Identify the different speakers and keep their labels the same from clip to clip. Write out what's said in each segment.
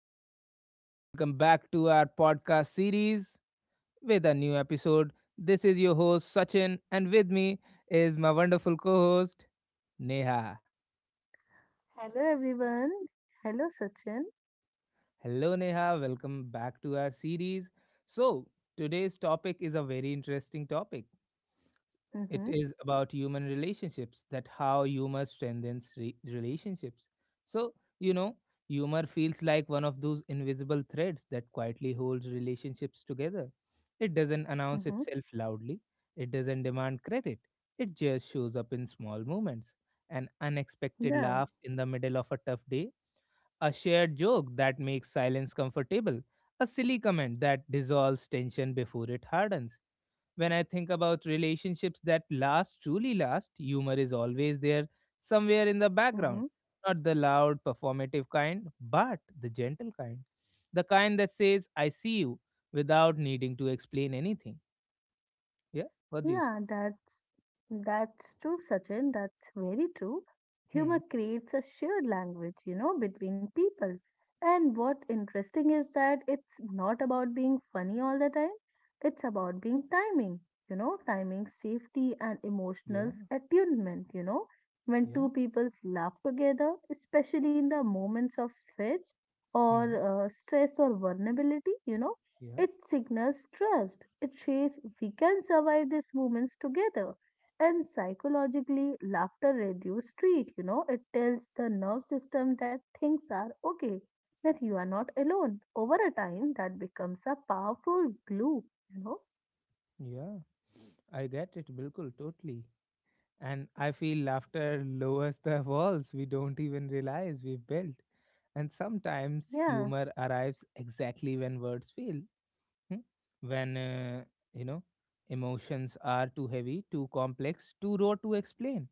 Speaker 1: everyone. Welcome back to our podcast series with a new episode. This is your host, Sachin, and with me is my wonderful co host, Neha.
Speaker 2: Hello everyone. Hello Sachin.
Speaker 1: Hello, Neha. Welcome back to our series. So, Today's topic is a very interesting topic. It
Speaker 2: Mm-hmm.
Speaker 1: is about human relationships, that how humor strengthens relationships. So, you know, Humor feels like one of those invisible threads that quietly holds relationships together. It doesn't announce
Speaker 2: Mm-hmm.
Speaker 1: itself loudly, it doesn't demand credit, it just shows up in small moments. An unexpected
Speaker 2: Yeah.
Speaker 1: laugh in the middle of a tough day, a shared joke that makes silence comfortable, a silly comment that dissolves tension before it hardens when I think about relationships that last, truly last, humor is always there, somewhere in the background.
Speaker 2: Mm-hmm.
Speaker 1: Not the loud, performative kind, but the gentle kind. The kind that says, I see you, without needing to explain anything. Yeah? What do you say?
Speaker 2: Yeah, that's true, Sachin. That's very true.
Speaker 1: Hmm.
Speaker 2: Humor creates a shared language, you know, between people. And what interesting is that it's not about being funny all the time. It's about being timing, you know, timing safety and
Speaker 1: Yeah,
Speaker 2: emotional attunement, you know. When
Speaker 1: yeah,
Speaker 2: two people laugh together, especially in the moments of stretch or
Speaker 1: hmm,
Speaker 2: stress or vulnerability, you know,
Speaker 1: yeah,
Speaker 2: it signals trust. It says we can survive these moments together. And psychologically, laughter reduces street, you know, it tells the nerve system that things are okay, that you are not alone. Over a time, that becomes a powerful glue, you know?
Speaker 1: yeah. I get it, Bilkul, totally. And I feel laughter lowers the walls we don't even realize we've built. And sometimes
Speaker 2: Yeah,
Speaker 1: humor arrives exactly when words fail. hmm, when you know emotions are too heavy, too complex, too raw to explain,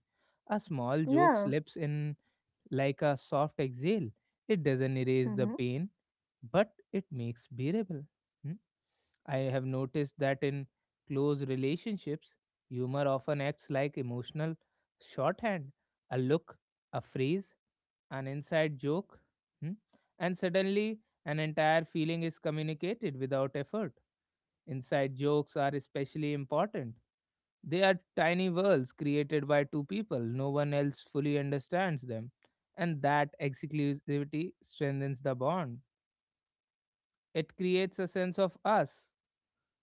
Speaker 1: a small joke
Speaker 2: yeah,
Speaker 1: slips in like a soft exhale. It doesn't erase the
Speaker 2: mm-hmm,
Speaker 1: pain, but it makes bearable hmm. I have noticed that in close relationships humor often acts like emotional shorthand. A look, a phrase, an inside joke hmm, and suddenly an entire feeling is communicated without effort. Inside jokes are especially important. They are tiny worlds created by two people, no one else fully understands them. And that exclusivity strengthens the bond. It creates a sense of us,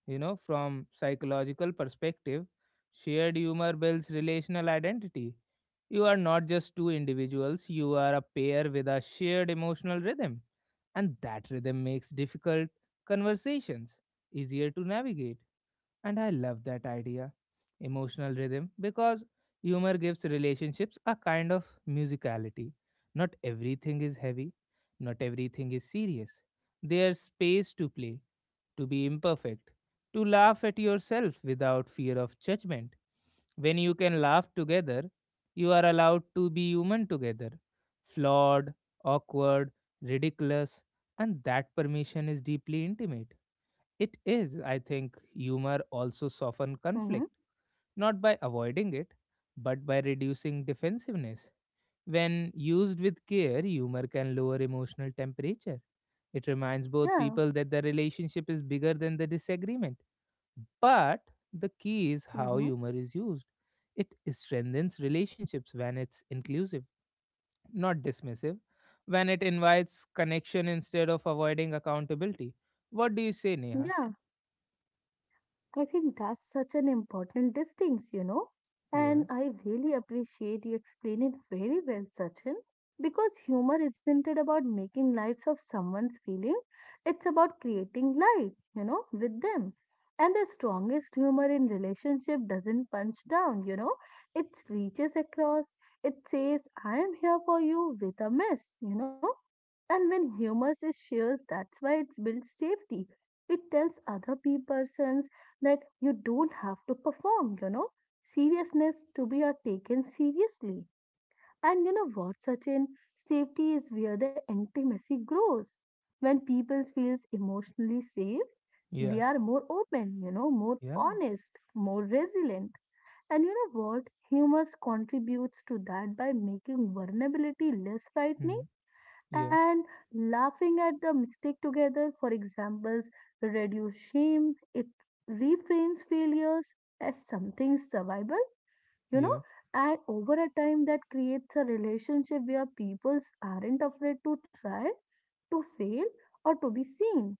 Speaker 1: you know, from psychological perspective. Shared humor builds relational identity. You are not just two individuals, you are a pair with a shared emotional rhythm. And that rhythm makes difficult conversations easier to navigate. And I love that idea, emotional rhythm, because humor gives relationships a kind of musicality. Not everything is heavy, not everything is serious. There's space to play, to be imperfect, to laugh at yourself without fear of judgment. When you can laugh together, you are allowed to be human together, flawed, awkward, ridiculous, and that permission is deeply intimate. It is, I think, humor also soften
Speaker 2: mm-hmm,
Speaker 1: conflict, not by avoiding it, but by reducing defensiveness. When used with care, humor can lower emotional temperature. It reminds both
Speaker 2: yeah,
Speaker 1: people that the relationship is bigger than the disagreement. But the key is how
Speaker 2: mm-hmm,
Speaker 1: humor is used. It strengthens relationships when it's inclusive, not dismissive, when it invites connection instead of avoiding accountability. What do you say, Neha?
Speaker 2: yeah. I think that's such an important distinction, you know. And
Speaker 1: Yeah,
Speaker 2: I really appreciate you explain it very well, Sachin, because humor isn't it about making lights of someone's feeling, it's about creating light, you know, with them. And the strongest humor in relationship doesn't punch down, you know, it reaches across, it says, I am here for you with a mess, you know. And when humor is shares, that's why it's built safety. It tells other persons that you don't have to perform, you know, seriousness to be taken seriously. And you know what, Sachin? Safety is where the intimacy grows. When people feels emotionally safe, they
Speaker 1: yeah,
Speaker 2: are more open, you know, more
Speaker 1: yeah.
Speaker 2: honest, more resilient. And you know what? Humor contributes to that by making vulnerability less frightening
Speaker 1: Hmm. Yeah,
Speaker 2: and laughing at the mistake together for examples reduce shame it reframes failures as something survivable, you know,
Speaker 1: yeah,
Speaker 2: and over a time that creates a relationship where people aren't afraid to try to fail or to be seen.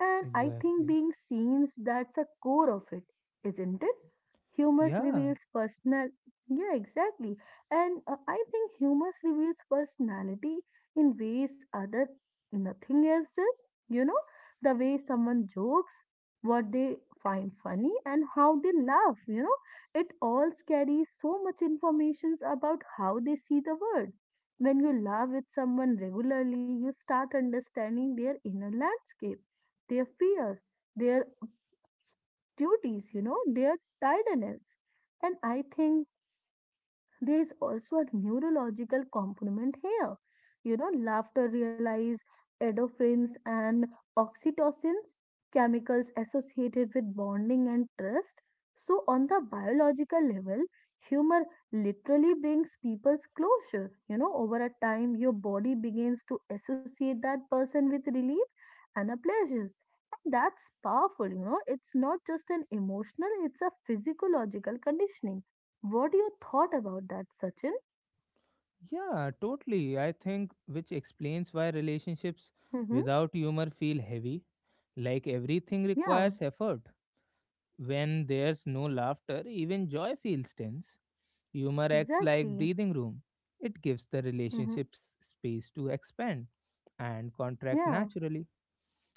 Speaker 2: And I think
Speaker 1: exactly.
Speaker 2: being seen, that's a core of it, isn't it? Humor
Speaker 1: Yeah,
Speaker 2: reveals personal. Yeah, exactly. And I think humor reveals personality in ways other nothing else does. You know, the way someone jokes, what they find funny, and how they laugh. You know, it all carries so much information about how they see the world. When you laugh with someone regularly, you start understanding their inner landscape, their fears, their duties, you know, their tiredness. And I think there is also a neurological component here. You know, laughter releases endorphins and oxytocins, chemicals associated with bonding and trust. So, on the biological level, humor literally brings people's closure. You know, over a time, your body begins to associate that person with relief and a pleasures. And that's powerful, you know. It's not just an emotional, it's a physiological conditioning. What you thought about that, Sachin?
Speaker 1: yeah, totally. I think which explains why relationships
Speaker 2: Mm-hmm.
Speaker 1: without humor feel heavy. Like everything
Speaker 2: Yeah,
Speaker 1: requires effort. When there's no laughter, even joy feels tense. Humor acts like
Speaker 2: exactly.
Speaker 1: breathing room. It gives the
Speaker 2: Mm-hmm.
Speaker 1: relationships space to expand and contract
Speaker 2: Yeah,
Speaker 1: naturally.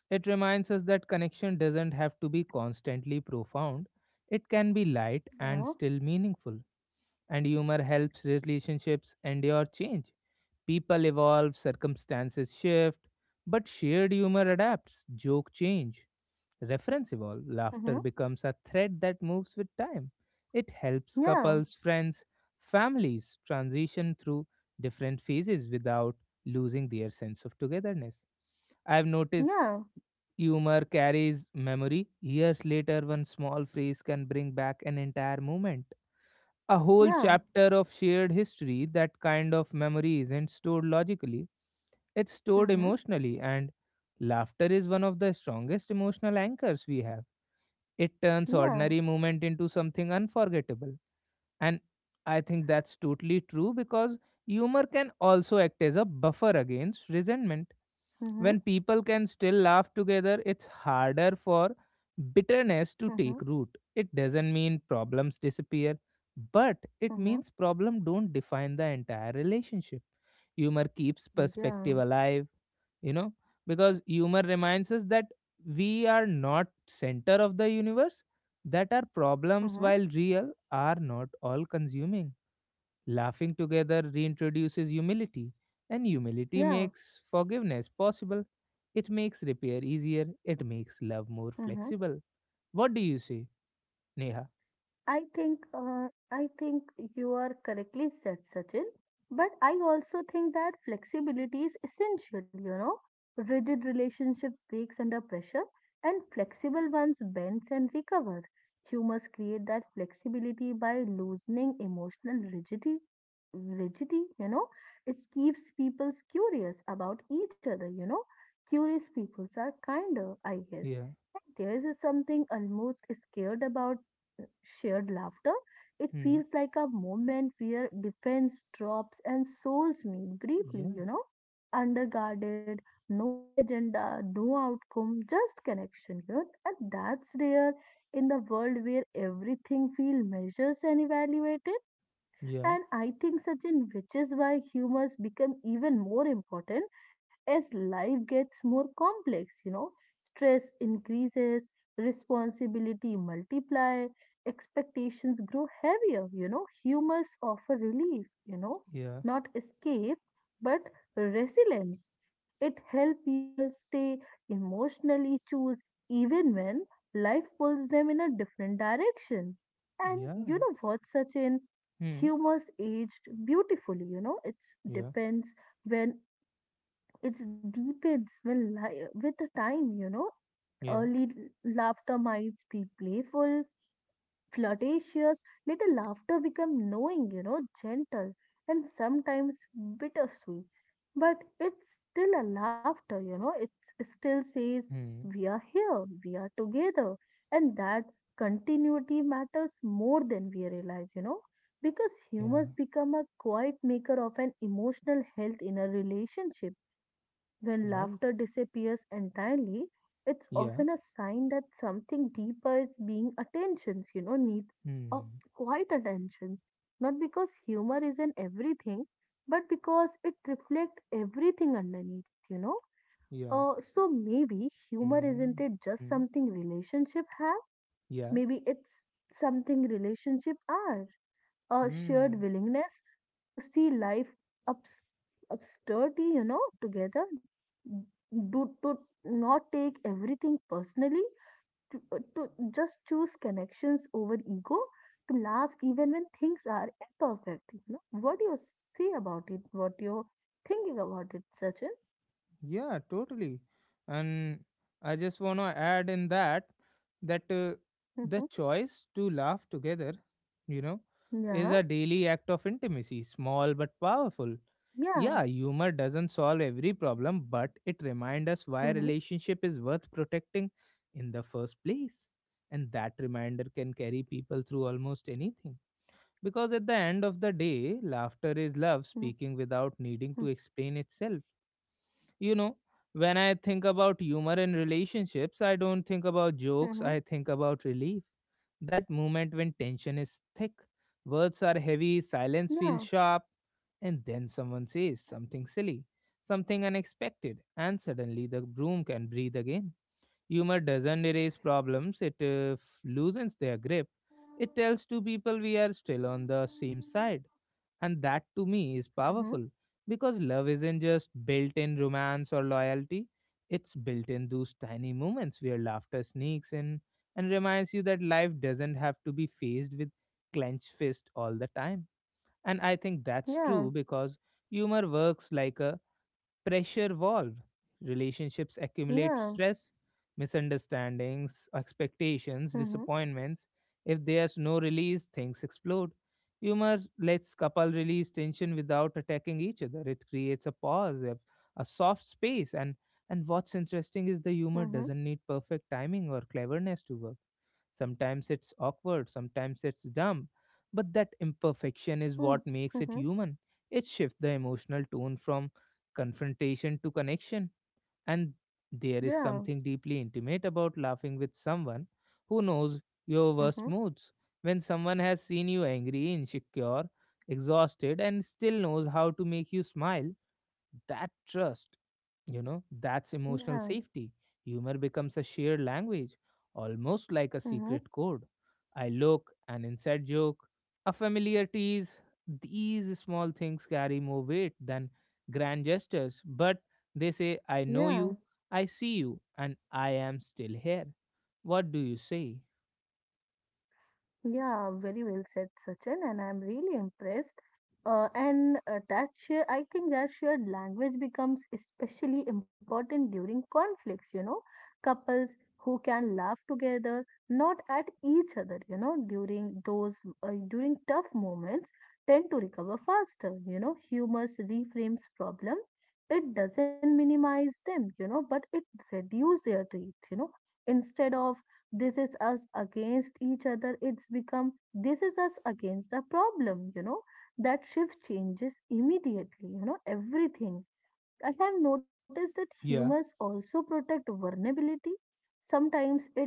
Speaker 1: It reminds us that connection doesn't have to be constantly profound. It can be light and
Speaker 2: yeah.
Speaker 1: still meaningful. And humor helps relationships endure change. People evolve, circumstances shift, but shared humor adapts, joke change, reference evolve. Laughter
Speaker 2: Mm-hmm.
Speaker 1: becomes a thread that moves with time. It helps
Speaker 2: Yeah,
Speaker 1: couples, friends, families transition through different phases without losing their sense of togetherness. I've noticed
Speaker 2: yeah,
Speaker 1: humor carries memory. Years later, one small phrase can bring back an entire moment, a whole
Speaker 2: yeah.
Speaker 1: chapter of shared history. That kind of memory isn't stored logically, it's stored
Speaker 2: Mm-hmm.
Speaker 1: emotionally, and laughter is one of the strongest emotional anchors we have. It turns
Speaker 2: Yeah.
Speaker 1: ordinary moment into something unforgettable. And I think that's totally true because humor can also act as a buffer against resentment
Speaker 2: Mm-hmm.
Speaker 1: when people can still laugh together, it's harder for bitterness to
Speaker 2: Mm-hmm.
Speaker 1: take root. It doesn't mean problems disappear, but it
Speaker 2: Mm-hmm.
Speaker 1: means problem don't define the entire relationship. Humor keeps perspective
Speaker 2: Yeah.
Speaker 1: alive, you know, because humor reminds us that we are not center of the universe, that our
Speaker 2: Mm-hmm.
Speaker 1: problems while real are not all consuming. Laughing together reintroduces humility, and humility
Speaker 2: Yeah.
Speaker 1: makes forgiveness possible. It makes repair easier. It makes love more
Speaker 2: Mm-hmm.
Speaker 1: flexible. What do you say, Neha?
Speaker 2: I think you are correctly said, Sachin. But I also think that flexibility is essential. You know, rigid relationships breaks under pressure, and flexible ones bends and recover. You must create that flexibility by loosening emotional rigidity. Rigidity, you know, it keeps people curious about each other. You know, curious peoples are kinder, I guess.
Speaker 1: Yeah.
Speaker 2: There is something almost scared about shared laughter. It
Speaker 1: Hmm.
Speaker 2: feels like a moment where defense drops and souls meet briefly,
Speaker 1: Yeah.
Speaker 2: you know, underguarded, no agenda, no outcome, just connection. You know? And that's rare in the world where everything feels measures and evaluated.
Speaker 1: Yeah.
Speaker 2: And I think, Sachin, which is why humors become even more important as life gets more complex, you know. Stress increases, responsibility multiply, expectations grow heavier, you know. Humors offer relief, you know,
Speaker 1: Yeah.
Speaker 2: not escape, but resilience. It helps people stay emotionally choose even when life pulls them in a different direction. And
Speaker 1: Yeah.
Speaker 2: you know what, Sachin?
Speaker 1: Hmm.
Speaker 2: Humor's aged beautifully, you know, it
Speaker 1: Yeah.
Speaker 2: depends when it deepens when with the time, you know.
Speaker 1: Yeah.
Speaker 2: Early laughter might be playful, flirtatious, little laughter become knowing, you know, gentle and sometimes bittersweet. But it's still a laughter, you know, it still says,
Speaker 1: Hmm.
Speaker 2: we are here, we are together. And that continuity matters more than we realize, you know, because
Speaker 1: Yeah.
Speaker 2: humors become a quiet maker of an emotional health in a relationship. When laughter
Speaker 1: Right.
Speaker 2: disappears entirely, it's often
Speaker 1: Yeah.
Speaker 2: a sign that something deeper is being attentions, you know, needs a
Speaker 1: Hmm.
Speaker 2: quiet attentions. Not because humor is in everything, but because it reflects everything underneath, you know.
Speaker 1: Yeah.
Speaker 2: So maybe humor isn't
Speaker 1: Hmm.
Speaker 2: it just
Speaker 1: Hmm.
Speaker 2: something relationship have?
Speaker 1: Yeah.
Speaker 2: Maybe it's something relationship are, a shared
Speaker 1: Hmm.
Speaker 2: willingness to see life obs- obscurity, you know, together, do, to not take everything personally, to just choose connections over ego, to laugh even when things are imperfect. You know? What do you see about it? What you're thinking about it, Sachin?
Speaker 1: Yeah, totally. And I just want to add in that the
Speaker 2: Mm-hmm.
Speaker 1: choice to laugh together, you know, is
Speaker 2: Yeah,
Speaker 1: a daily act of intimacy, small but powerful.
Speaker 2: yeah.
Speaker 1: Yeah, humor doesn't solve every problem, but it reminds us why
Speaker 2: Mm-hmm.
Speaker 1: a relationship is worth protecting in the first place. And that reminder can carry people through almost anything. Because at the end of the day, laughter is love
Speaker 2: Mm-hmm.
Speaker 1: speaking without needing to explain itself, you know, when I think about humor in relationships, I don't think about
Speaker 2: Mm-hmm.
Speaker 1: jokes, I think about relief. That moment when tension is thick, words are heavy, silence
Speaker 2: Yeah.
Speaker 1: feels sharp, and then someone says something silly, something unexpected, and suddenly the room can breathe again. Humor doesn't erase problems, it loosens their grip. It tells two people we are still on the same side, and that to me is
Speaker 2: Mm-hmm.
Speaker 1: powerful because love isn't just built in romance or loyalty, it's built in those tiny moments where laughter sneaks in and reminds you that life doesn't have to be faced with clenched fist all the time. And I think that's
Speaker 2: Yeah.
Speaker 1: true because humor works like a pressure valve. Relationships
Speaker 2: Yeah.
Speaker 1: accumulate stress, misunderstandings, expectations,
Speaker 2: Mm-hmm.
Speaker 1: disappointments. If there's no release, things explode. Humor lets couple release tension without attacking each other. It creates a pause, a soft space, and what's interesting is the
Speaker 2: Mm-hmm.
Speaker 1: humor doesn't need perfect timing or cleverness to work. Sometimes it's awkward, sometimes it's dumb, but that imperfection is
Speaker 2: Mm-hmm.
Speaker 1: what makes
Speaker 2: Mm-hmm.
Speaker 1: it human. It shifts the emotional tone from confrontation to connection. And there is
Speaker 2: Yeah.
Speaker 1: something deeply intimate about laughing with someone who knows your
Speaker 2: Mm-hmm.
Speaker 1: worst moods. When someone has seen you angry, insecure, exhausted, and still knows how to make you smile, that trust, you know, that's
Speaker 2: Yeah.
Speaker 1: emotional safety. Humor becomes a shared language, almost like a
Speaker 2: Mm-hmm.
Speaker 1: secret code. I look, an inside joke, a familiar tease. These small things carry more weight than grand gestures, but they say, I
Speaker 2: Yeah.
Speaker 1: know you, I see you, and I am still here. What do you say?
Speaker 2: Yeah, very well said, Sachin, and I'm really impressed. And that share, I think that shared language becomes especially important during conflicts, you know, couples who can laugh together, not at each other, you know, during those during tough moments tend to recover faster, you know, humor reframes problem. It doesn't minimize them, you know, but it reduces their teeth, you know, instead of this is us against each other it's become this is us against the problem, you know, that shift changes immediately, you know, everything. I have noticed that humors
Speaker 1: Yeah,
Speaker 2: also protect vulnerability, sometimes it,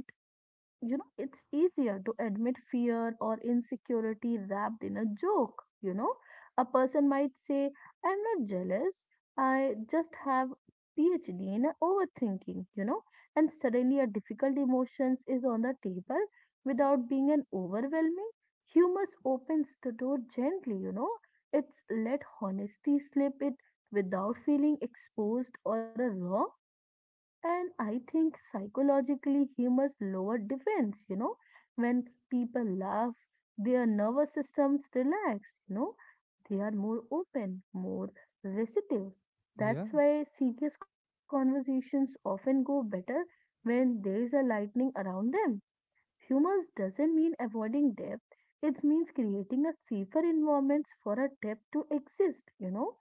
Speaker 2: you know, it's easier to admit fear or insecurity wrapped in a joke. You know, a person might say, I'm not jealous, I just have PhD in overthinking, you know, and suddenly a difficult emotions is on the table without being an overwhelming. Humor opens the door gently, you know. It's let honesty slip it without feeling exposed or a wrong. And I think psychologically humor's lower defense, you know, when people laugh, their nervous systems relax, you know, they are more open, more receptive.
Speaker 1: yeah,
Speaker 2: That's why serious conversations often go better when there is a lightning around them. Humor doesn't mean avoiding depth, it means creating a safer environment for a depth to exist, you know.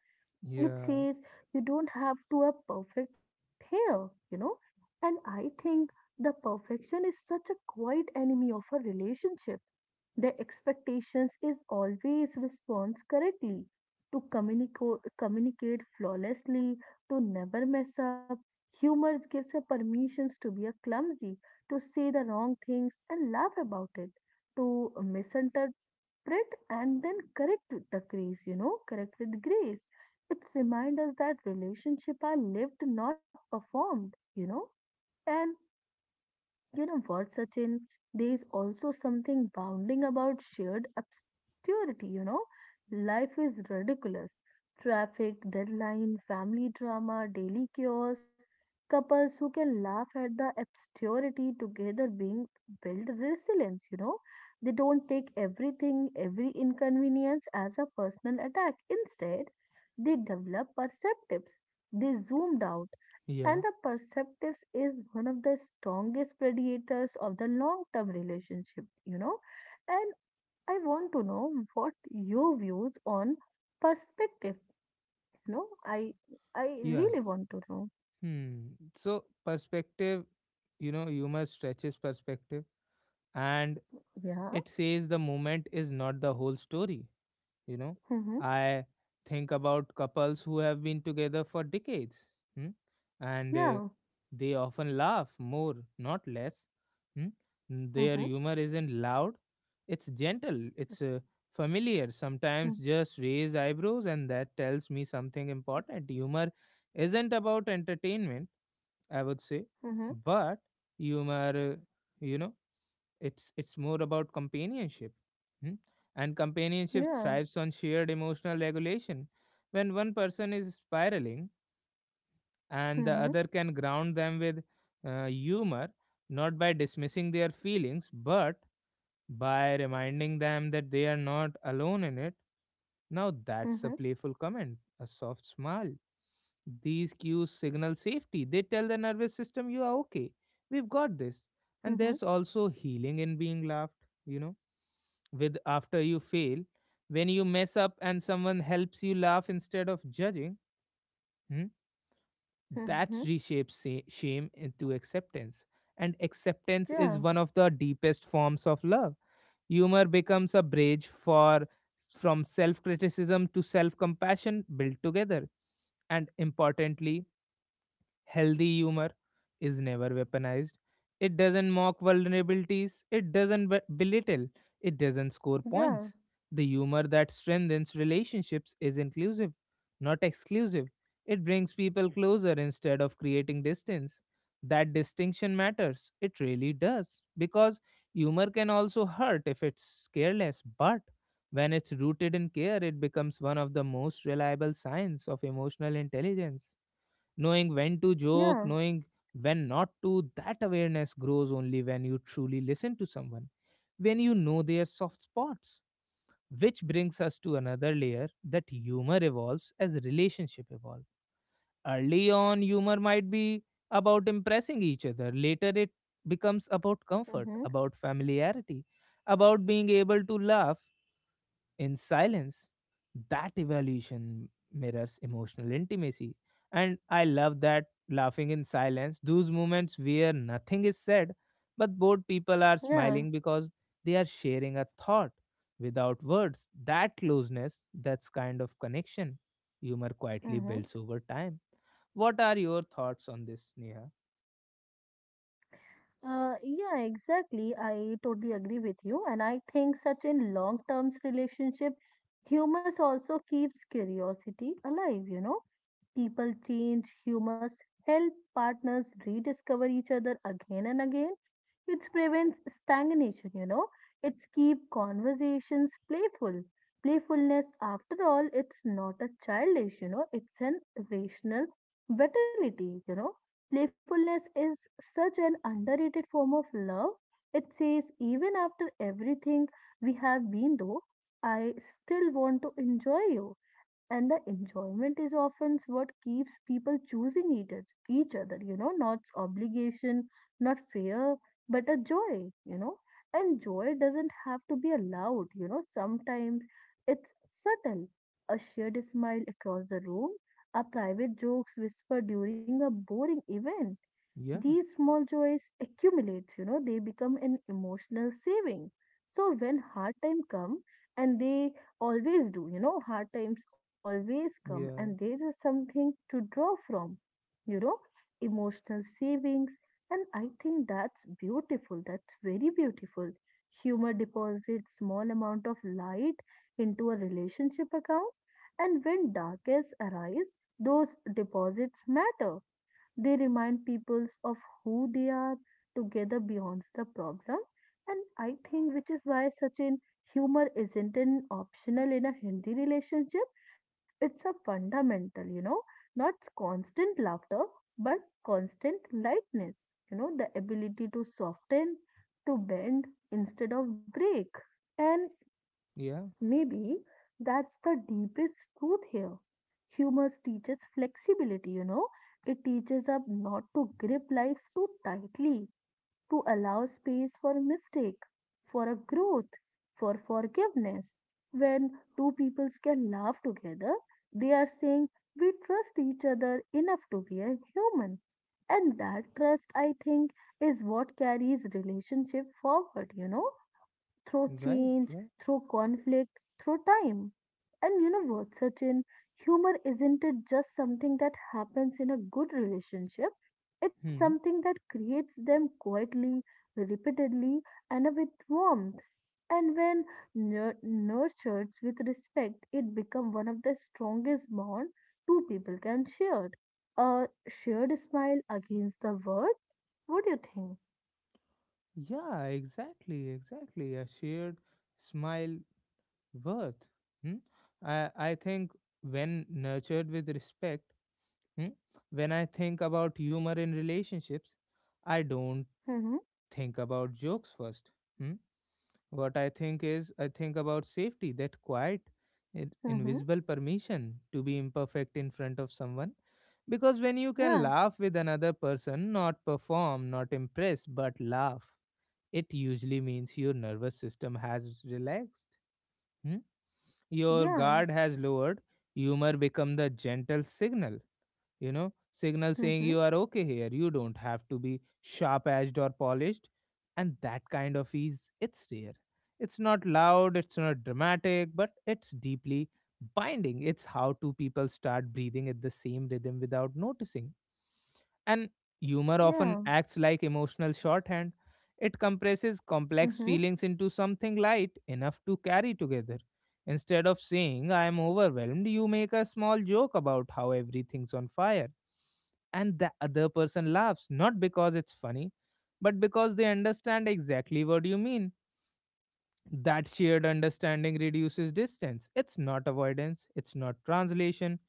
Speaker 2: It
Speaker 1: yeah,
Speaker 2: says you don't have to have perfect hair, you know. And I think the perfection is such a quiet enemy of a relationship. The expectations is always responds correctly, to communicate flawlessly, to never mess up. Humor gives her permissions to be a clumsy, to say the wrong things and laugh about it, to misunderstand interpret and then correct with the grace, you know, correct with grace. It's remind us that relationships are lived, not performed, you know. And you know what, Sachin? There is also something bounding about shared obscurity, you know? Life is ridiculous. Traffic, deadline, family drama, daily chaos, couples who can laugh at the obscurity together being build resilience, you know? They don't take everything, every inconvenience as a personal attack. Instead, they develop perceptives. They zoomed out and the
Speaker 1: yeah,
Speaker 2: perceptives is one of the strongest predators of the long term relationship, you know. And I want to know what your views on perspective, you know. I
Speaker 1: yeah.
Speaker 2: really want to know.
Speaker 1: Hmm. So, perspective, you know, humor stretches perspective and
Speaker 2: Yeah.
Speaker 1: it says the moment is not the whole story, you know.
Speaker 2: Mm-hmm.
Speaker 1: I think about couples who have been together for decades hmm, and
Speaker 2: Yeah.
Speaker 1: they often laugh more, not less hmm. Their
Speaker 2: Mm-hmm.
Speaker 1: humor isn't loud, it's gentle, it's familiar, sometimes just raise eyebrows, and that tells me something important. Humor isn't about entertainment, I would say,
Speaker 2: Mm-hmm.
Speaker 1: but humor you know it's more about companionship. hmm? And companionship
Speaker 2: Yeah.
Speaker 1: thrives on shared emotional regulation when one person is spiraling and
Speaker 2: Mm-hmm.
Speaker 1: the other can ground them with humor, not by dismissing their feelings but by reminding them that they are not alone in it. Now that's a
Speaker 2: Mm-hmm.
Speaker 1: playful comment, a soft smile, these cues signal safety. They tell the nervous system, you are okay. We've got this.
Speaker 2: Mm-hmm.
Speaker 1: And there's also healing in being laughed, you know, with after you fail. When you mess up and someone helps you laugh instead of judging, hmm,
Speaker 2: Mm-hmm.
Speaker 1: that reshapes shame into acceptance. And acceptance
Speaker 2: Yeah.
Speaker 1: is one of the deepest forms of love. Humor becomes a bridge for from self criticism to self compassion built together, and importantly, healthy humor is never weaponized. It doesn't mock vulnerabilities, it doesn't belittle, it doesn't score
Speaker 2: Yeah.
Speaker 1: points. The humor that strengthens relationships is inclusive, not exclusive. It brings people closer instead of creating distance. That distinction matters. It really does. Because humor can also hurt if it's careless, but when it's rooted in care, it becomes one of the most reliable signs of emotional intelligence, knowing when to
Speaker 2: Yeah.
Speaker 1: joke, knowing when not to. That awareness grows only when you truly listen to someone, when you know their soft spots. Which brings us to another layer that humor evolves as relationship evolves. Early on, humor might be about impressing each other. Later, it becomes about comfort,
Speaker 2: Mm-hmm.
Speaker 1: about familiarity, about being able to laugh in silence. That evaluation mirrors emotional intimacy. And I love that laughing in silence, those moments where nothing is said, but both people are
Speaker 2: Yeah.
Speaker 1: smiling because they are sharing a thought without words. That closeness, that's kind of connection humor quietly
Speaker 2: Mm-hmm.
Speaker 1: builds over time. What are your thoughts on this, Neha?
Speaker 2: Yeah, exactly. I totally agree with you. And I think such in long-term relationship, humors also keeps curiosity alive, you know. People change, humors help partners rediscover each other again and again. It prevents stagnation, you know. It's keep conversations playful. Playfulness, after all, it's not a childish, you know, it's an rational vitality, you know. Playfulness is such an underrated form of love. It says, even after everything we have been through, I still want to enjoy you. And the enjoyment is often what keeps people choosing each other, you know, not obligation, not fear but a joy, you know. And joy doesn't have to be loud, you know. Sometimes it's subtle. A shared smile across the room, a private jokes whispered during a boring event,
Speaker 1: Yeah,
Speaker 2: these small joys accumulate, you know, they become an emotional saving. So when hard time come, and they always do, you know, hard times always come, and
Speaker 1: yeah,
Speaker 2: there is something to draw from, you know, emotional savings. And I think that's beautiful. That's very beautiful. Humor deposits small amount of light into a relationship account, and when darkness arrives, those deposits matter. They remind peoples of who they are together beyond the problem. And I think which is why such an humor isn't an optional in a Hindi relationship. It's a fundamental, you know, not constant laughter, but constant lightness, you know, the ability to soften, to bend instead of break. And
Speaker 1: yeah,
Speaker 2: maybe that's the deepest truth here. Humor teaches flexibility, you know. It teaches us not to grip life too tightly, to allow space for mistake, for a growth, for forgiveness. When two peoples can laugh together, they are saying we trust each other enough to be a human. And that trust, I think, is what carries relationship forward, through
Speaker 1: right,
Speaker 2: change,
Speaker 1: right.
Speaker 2: through conflict, through time. And you know what, Sachin? Humor isn't it just something that happens in a good relationship? It's
Speaker 1: Hmm.
Speaker 2: something that creates them quietly, repeatedly, and with warmth. And when nurtured with respect, it becomes one of the strongest bond two people can share. A shared smile against the world. What do you think?
Speaker 1: Yeah, exactly, exactly. A shared smile worth. Hmm? I think when nurtured with respect, hmm, when I think about humor in relationships, I don't
Speaker 2: Mm-hmm,
Speaker 1: think about jokes first. Hmm? What I think is, I think about safety, that quiet,
Speaker 2: mm-hmm.
Speaker 1: invisible permission to be imperfect in front of someone. Because when you can
Speaker 2: Yeah,
Speaker 1: laugh with another person, not perform, not impress, but laugh, it usually means your nervous system has relaxed. hmm? Your
Speaker 2: yeah.
Speaker 1: guard has lowered. Humor become the gentle signal, signal saying
Speaker 2: Mm-hmm.
Speaker 1: you are okay here, you don't have to be sharp edged or polished. And that kind of ease, it's rare, it's not loud, it's not dramatic, but it's deeply binding. It's how two people start breathing at the same rhythm without noticing. And humor
Speaker 2: Yeah.
Speaker 1: often acts like emotional shorthand. It compresses complex
Speaker 2: Mhm.
Speaker 1: feelings into something light enough to carry together. Instead of saying, I am overwhelmed, you make a small joke about how everything's on fire. And the other person laughs, not because it's funny, but because they understand exactly what you mean. That shared understanding reduces distance. It's not avoidance, it's not translation.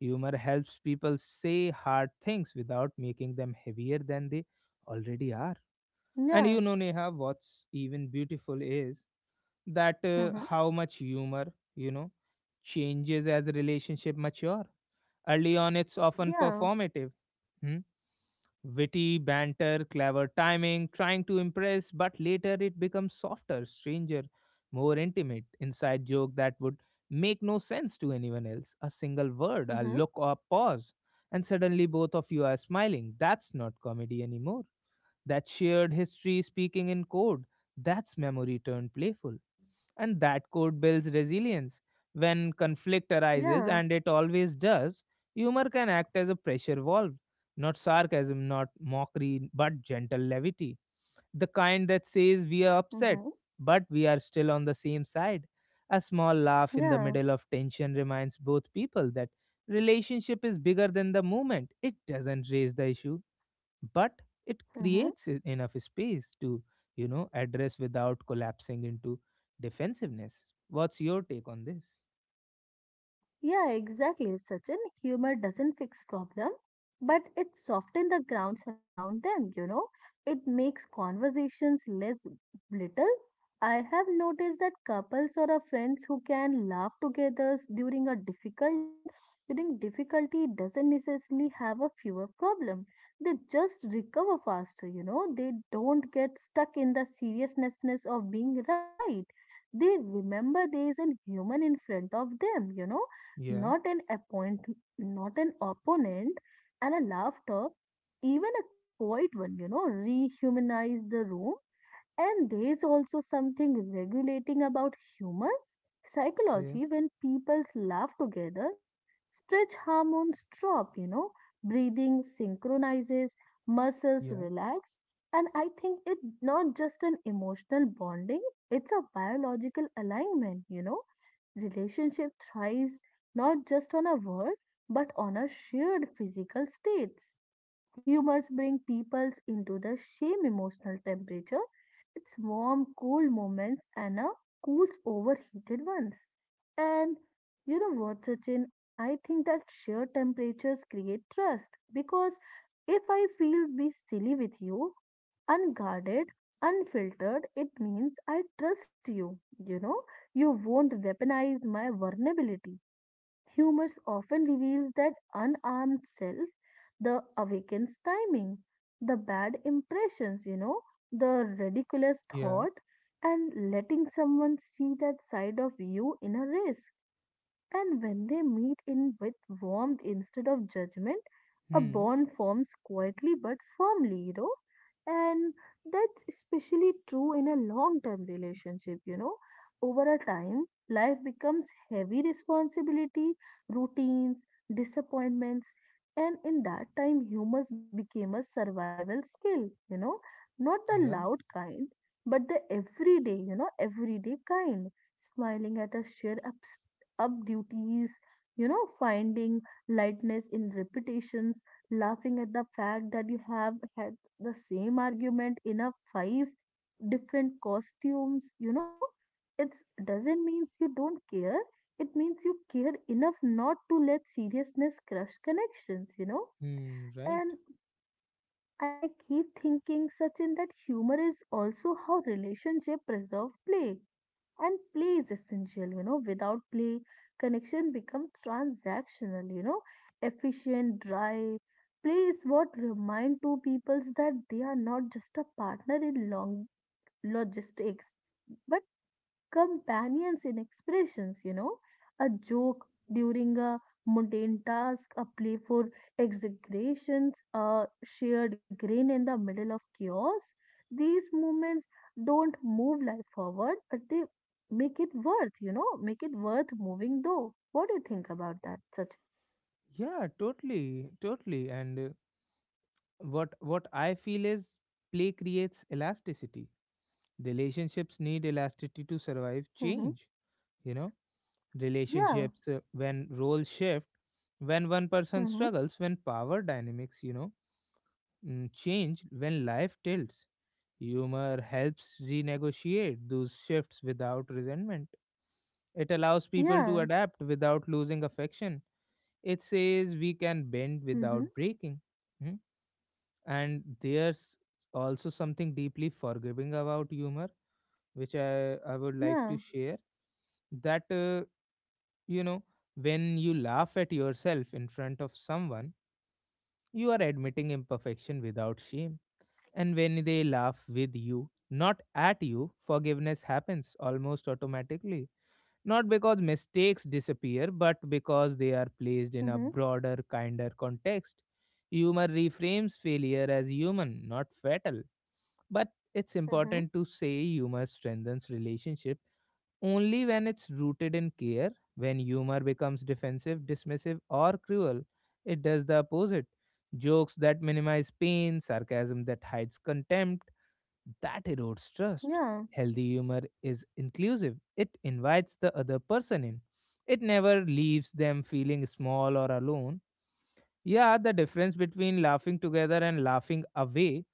Speaker 1: Humor helps people say hard things without making them heavier than they already are. And
Speaker 2: Yeah.
Speaker 1: you know, Neha, what's even beautiful is that
Speaker 2: Mhm.
Speaker 1: how much humor, you know, changes as a relationship mature. Early on, it's often
Speaker 2: Yeah.
Speaker 1: performative. Hmm? Witty, banter, clever timing, trying to impress, but later it becomes softer, stranger, more intimate, inside joke that would make no sense to anyone else. A single word, a look
Speaker 2: Mhm.
Speaker 1: or a pause, and suddenly both of you are smiling. That's not comedy anymore. That shared history speaking in code. That's memory turned playful, and that code builds resilience. When conflict arises,
Speaker 2: Yeah.
Speaker 1: and it always does, humor can act as a pressure valve. Not sarcasm, not mockery, but gentle levity. The kind that says we are upset,
Speaker 2: Mhm.
Speaker 1: but we are still on the same side. A small laugh in the
Speaker 2: Yeah.
Speaker 1: middle of tension reminds both people that relationship is bigger than the moment. It doesn't raise the issue, but it
Speaker 2: Mhm.
Speaker 1: creates enough space to, you know, address without collapsing into defensiveness. What's your take on this?
Speaker 2: Yeah, exactly, Sachin. Humor doesn't fix problem, but it softens the grounds around them. It makes conversations less little. I have noticed that couples or a friends who can laugh together during difficulty doesn't necessarily have a fewer problem. They just recover faster. They don't get stuck in the seriousness of being right. They remember there is a human in front of them,
Speaker 1: Yeah,
Speaker 2: not an appoint, not an opponent, and a laughter, even a quiet one, rehumanize the room and there is also something regulating about humor
Speaker 1: yeah,
Speaker 2: psychology when people laugh together, stretch hormones drop, breathing synchronizes, muscles
Speaker 1: yeah,
Speaker 2: relax. And I think it's not just an emotional bonding, it's a biological alignment. Relationship thrives not just on a word, but on a shared physical states. Humors bring peoples into the same emotional temperature. It's warm, cool moments and a cools overheated ones. And you know what, Sachin? I think that sheer temperatures create trust because if I feel be silly with you, unguarded, unfiltered, it means I trust you. You won't weaponize my vulnerability. Humors often reveals that unarmed self, the awakened timing, the bad impressions, the ridiculous
Speaker 1: yeah.
Speaker 2: thought, and letting someone see that side of you in a race and when they meet in with warmth instead of judgment, a
Speaker 1: Hmm.
Speaker 2: bond forms quietly but firmly. And that's especially true in a long term relationship. Over a time, life becomes heavy responsibility, routines, disappointments, and in that time, humors became a survival skill, not the
Speaker 1: Yeah.
Speaker 2: loud kind, but the everyday, everyday kind smiling at a shared upset up duties, finding lightness in repetitions, laughing at the fact that you have had the same argument in a five different costumes. It doesn't mean you don't care. It means you care enough not to let seriousness crush connections.
Speaker 1: Hmm. Right.
Speaker 2: And I keep thinking, Sachin, that humor is also how relationship preserve play and play is essential without play connection becomes transactional efficient dry play is what remind two peoples that they are not just a partner in long logistics but companions in expressions, you know, a joke during a mundane task, a playful exaggerations, a shared grin in the middle of chaos. These movements don't move life forward, but they make it worth, you know, make it worth moving though. What do you think about that, Such?
Speaker 1: Yeah, totally, totally. And what I feel is play creates elasticity. Relationships need elasticity to survive
Speaker 2: Mm-hmm.
Speaker 1: change. You know,
Speaker 2: Yeah.
Speaker 1: relationships when roles shift, when one person
Speaker 2: Mm-hmm.
Speaker 1: struggles, when power dynamics, you know, change, when life tilts. Humor helps renegotiate those shifts without resentment. It allows people
Speaker 2: Yeah.
Speaker 1: to adapt without losing affection. It says we can bend
Speaker 2: Mm-hmm.
Speaker 1: without breaking. Hmm? And there's also something deeply forgiving about humor, which I would
Speaker 2: Yeah.
Speaker 1: like to share. That, uh, you know, when you laugh at yourself in front of someone, you are admitting imperfection without shame. And when they laugh with you, not at you, forgiveness happens almost automatically. Not because mistakes disappear, but because they are placed
Speaker 2: Mm-hmm.
Speaker 1: in a broader, kinder context. Humor reframes failure as human, not fatal. But it's
Speaker 2: Mm-hmm.
Speaker 1: important to say humor strengthens relationship only when it's rooted in care. When humor becomes defensive, dismissive, or cruel, it does the opposite. Jokes that minimize pain, sarcasm that hides contempt, that erodes trust.
Speaker 2: Yeah.
Speaker 1: Healthy humor is inclusive. It invites the other person in. It never leaves them feeling small or alone. Yeah, the difference between laughing together and laughing away,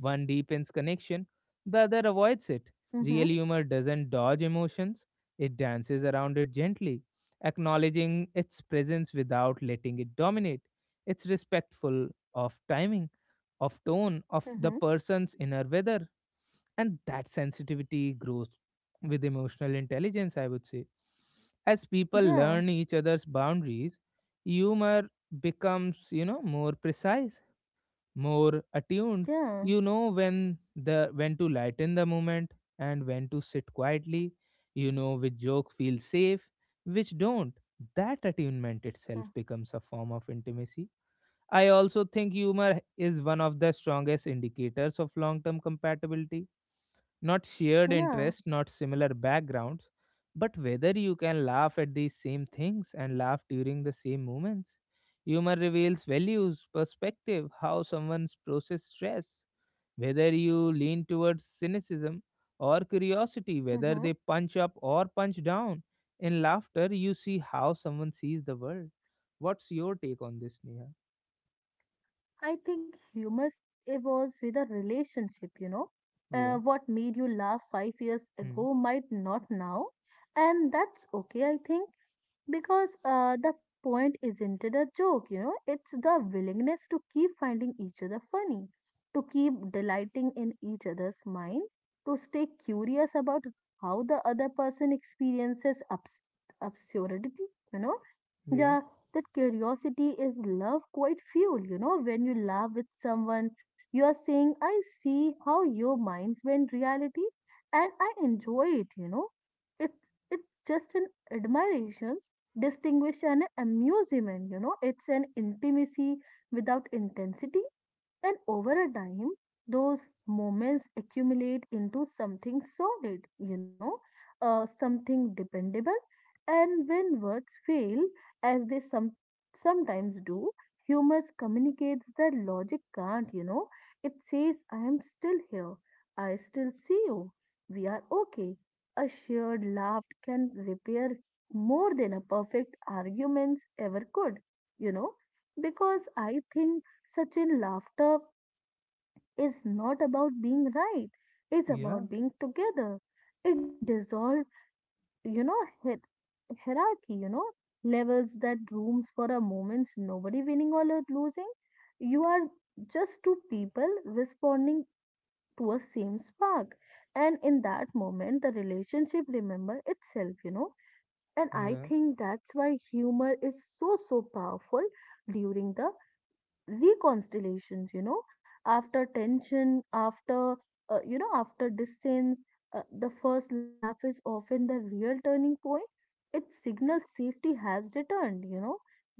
Speaker 1: one deepens connection, the other avoids it.
Speaker 2: Mm-hmm.
Speaker 1: Real humor doesn't dodge emotions, it dances around it gently, acknowledging its presence without letting it dominate. It's respectful of timing, of tone, of the
Speaker 2: Mm-hmm.
Speaker 1: person's inner weather, and that sensitivity grows with emotional intelligence, I would say. As people
Speaker 2: Yeah.
Speaker 1: learn each other's boundaries, humor becomes, you know, more precise, more attuned.
Speaker 2: Yeah.
Speaker 1: You know when to lighten the moment and when to sit quietly. You know which joke feels safe, which don't. That attunement itself
Speaker 2: Mm.
Speaker 1: becomes a form of intimacy. I also think humor is one of the strongest indicators of long term compatibility, not shared
Speaker 2: Yeah.
Speaker 1: interests, not similar backgrounds, but whether you can laugh at these same things and laugh during the same moments. Humor reveals values, perspective, how someone's process stress, whether you lean towards cynicism or curiosity, whether
Speaker 2: Mm-hmm.
Speaker 1: they punch up or punch down. In laughter, you see how someone sees the world. What's your take on this, Neha?
Speaker 2: I think humor evolves with a relationship.
Speaker 1: Yeah.
Speaker 2: What made you laugh 5 years
Speaker 1: Hmm.
Speaker 2: ago might not now, and that's okay, I think. Because the point isn't it a joke, you know, it's the willingness to keep finding each other funny, to keep delighting in each other's mind, to stay curious about how the other person experiences absurdity, you know.
Speaker 1: Yeah.
Speaker 2: Yeah, that curiosity is love quite fuel, you know. When you laugh with someone, you are saying, I see how your minds bend reality and I enjoy it, you know. It's just an admiration distinguish an amusement you know it's an intimacy without intensity and over a time, those moments accumulate into something solid, you know, something dependable. And when words fail, as they sometimes do, humor communicates that logic can't, you know. It says, I am still here. I still see you. We are okay. A shared laugh can repair more than a perfect arguments ever could, you know because I think Sachin, laughter is not about being right. It's
Speaker 1: Yeah.
Speaker 2: about being together. It dissolves, you know, hier- hierarchy, you know, levels that rooms for a moment, nobody winning or losing. You are just two people responding to a same spark. And in that moment, the relationship remember itself, you know. And I
Speaker 1: Yeah.
Speaker 2: think that's why humor is so, so powerful during the reconciliations you know after tension after you know after distance the first laugh is often the real turning point it signals safety has returned you know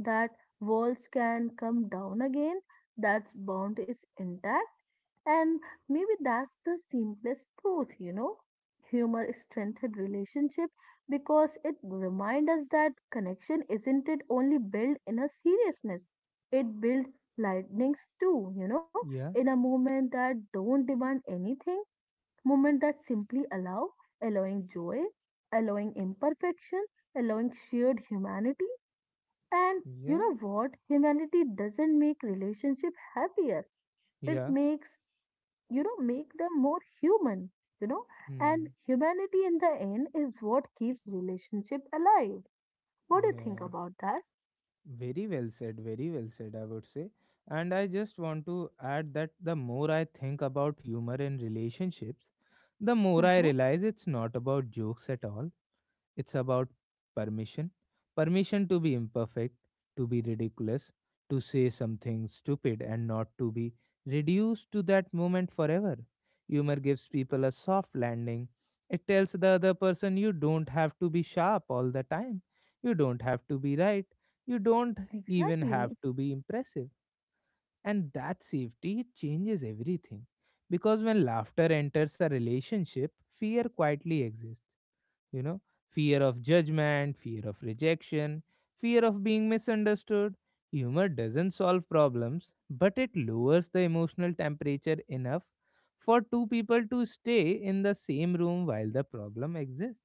Speaker 2: that walls can come down again. That bond is intact and maybe that's the simplest truth, you know. Humor strengthened relationship because it reminds us that connection isn't it only built in a seriousness. It built lightnings too, you know, in
Speaker 1: Yeah.
Speaker 2: a moment that don't demand anything, moment that simply allow, allowing joy, allowing imperfection, allowing shared humanity. And you
Speaker 1: Yeah.
Speaker 2: know what? Humanity doesn't make relationship happier. It
Speaker 1: Yeah.
Speaker 2: makes you know make them more human you know and
Speaker 1: Hmm.
Speaker 2: humanity in the end is what keeps relationship alive. What do you think
Speaker 1: Yeah,
Speaker 2: about that?
Speaker 1: very well said, I would say. And I just want to add that the more I think about humor in relationships, the more I
Speaker 2: Mm-hmm.
Speaker 1: realize it's not about jokes at all. It's about permission. Permission to be imperfect, to be ridiculous, to say something stupid and not to be reduced to that moment forever. Humor gives people a soft landing. It tells the other person you don't have to be sharp all the time. You don't have to be right. You don't even have
Speaker 2: Exactly.
Speaker 1: to be impressive. And that safety, it changes everything. Because when laughter enters a relationship, fear quietly exists, you know, fear of judgment, fear of rejection, fear of being misunderstood. Humor doesn't solve problems, but it lowers the emotional temperature enough for two people to stay in the same room while the problem exists.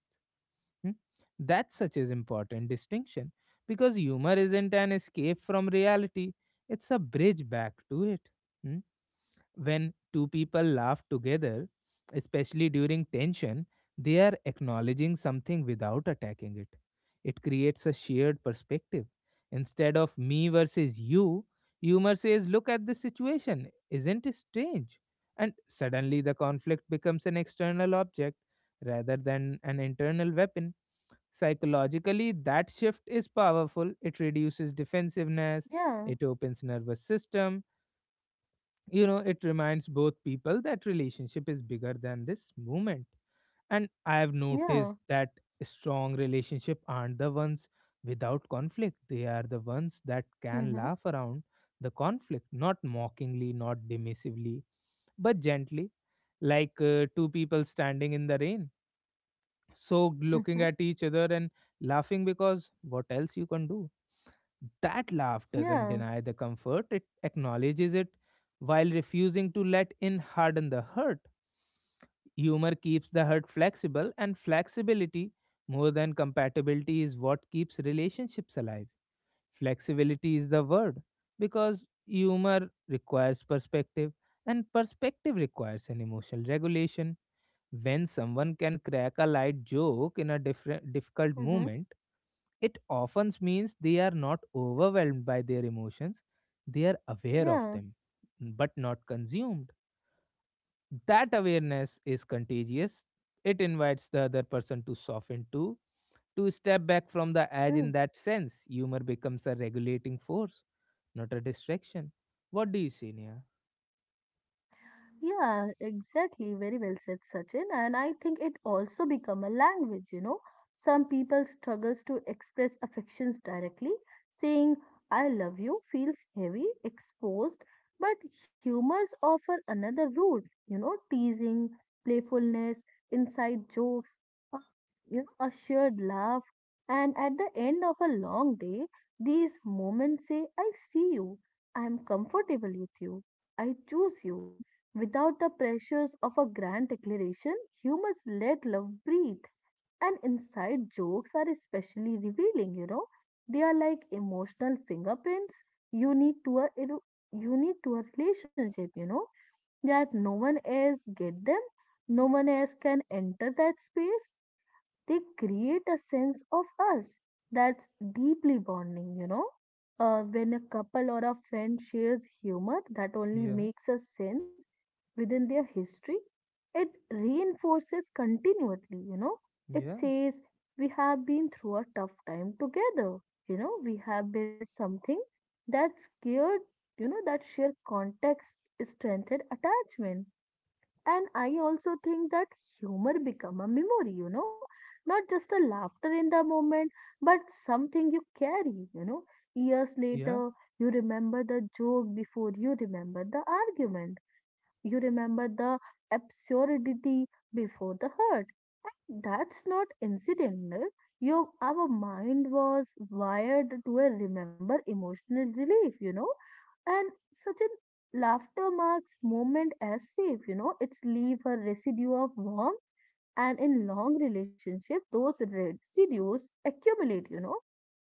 Speaker 1: Hmm? That's such an important distinction, because humor isn't an escape from reality, it's a bridge back to it. Hmm? When two people laugh together, especially during tension, they are acknowledging something without attacking it. It creates a shared perspective. Instead of me versus you, humor says, look at this situation. Isn't it strange? And suddenly the conflict becomes an external object rather than an internal weapon. Psychologically, that shift is powerful. It reduces defensiveness,
Speaker 2: Yeah,
Speaker 1: it opens nervous system, you know, it reminds both people that relationship is bigger than this moment. And I have
Speaker 2: yeah.
Speaker 1: noticed that strong relationship aren't the ones without conflict, they are the ones that can
Speaker 2: Mm-hmm.
Speaker 1: laugh around the conflict, not mockingly, not dismissively, but gently, like two people standing in the rain soaked,
Speaker 2: Mm-hmm.
Speaker 1: looking at each other and laughing because what else you can do. That laugh
Speaker 2: Yeah.
Speaker 1: doesn't deny the comfort, it acknowledges it while refusing to let in harden the hurt. Humor keeps the hurt flexible, and flexibility, more than compatibility, is what keeps relationships alive. Flexibility is the word, because humor requires perspective, and perspective requires an emotional regulation. When someone can crack a light joke in a different, difficult
Speaker 2: Mm-hmm.
Speaker 1: moment, it often means they are not overwhelmed by their emotions, they are aware of
Speaker 2: Yeah.
Speaker 1: them, but not consumed. That awareness is contagious. It invites the other person to soften too, to step back from the edge
Speaker 2: Mm.
Speaker 1: in that sense. Humor becomes a regulating force, not a distraction. What do you say, Nia?
Speaker 2: Yeah, exactly. Very well said, Sachin. And I think it also become a language, you know. Some people struggles to express affections directly. Saying I love you feels heavy, exposed, but humors offer another route, you know, teasing, playfulness, inside jokes, uh, you know, a shared laugh. And at the end of a long day, these moments say, I see you, I am comfortable with you, I choose you. Without the pressures of a grand declaration, humans let love breathe. And inside jokes are especially revealing, you know. They are like emotional fingerprints unique to a unique to a relationship, you know, that no one else get them, no one else can enter that space they create a sense of us that's deeply bonding, you know. When a couple or a friend shares humor that only
Speaker 1: Yeah,
Speaker 2: makes a sense within their history, it reinforces continually, you know. It
Speaker 1: yeah,
Speaker 2: says, we have been through a tough time together, you know, we have built something that scared, you know, that shared context strengthened attachment and I also think that humor become a memory, you know, not just a laughter in the moment, but something you carry, you know. Years
Speaker 1: yeah,
Speaker 2: later, you remember the joke before you remember the argument. You remember the absurdity before the hurt. And that's not incidental. Your Our mind was wired to a remember emotional relief, you know. And such a laughter marks moment as safe, you know. It's leave a residue of warmth and in long relationship those residues accumulate, you know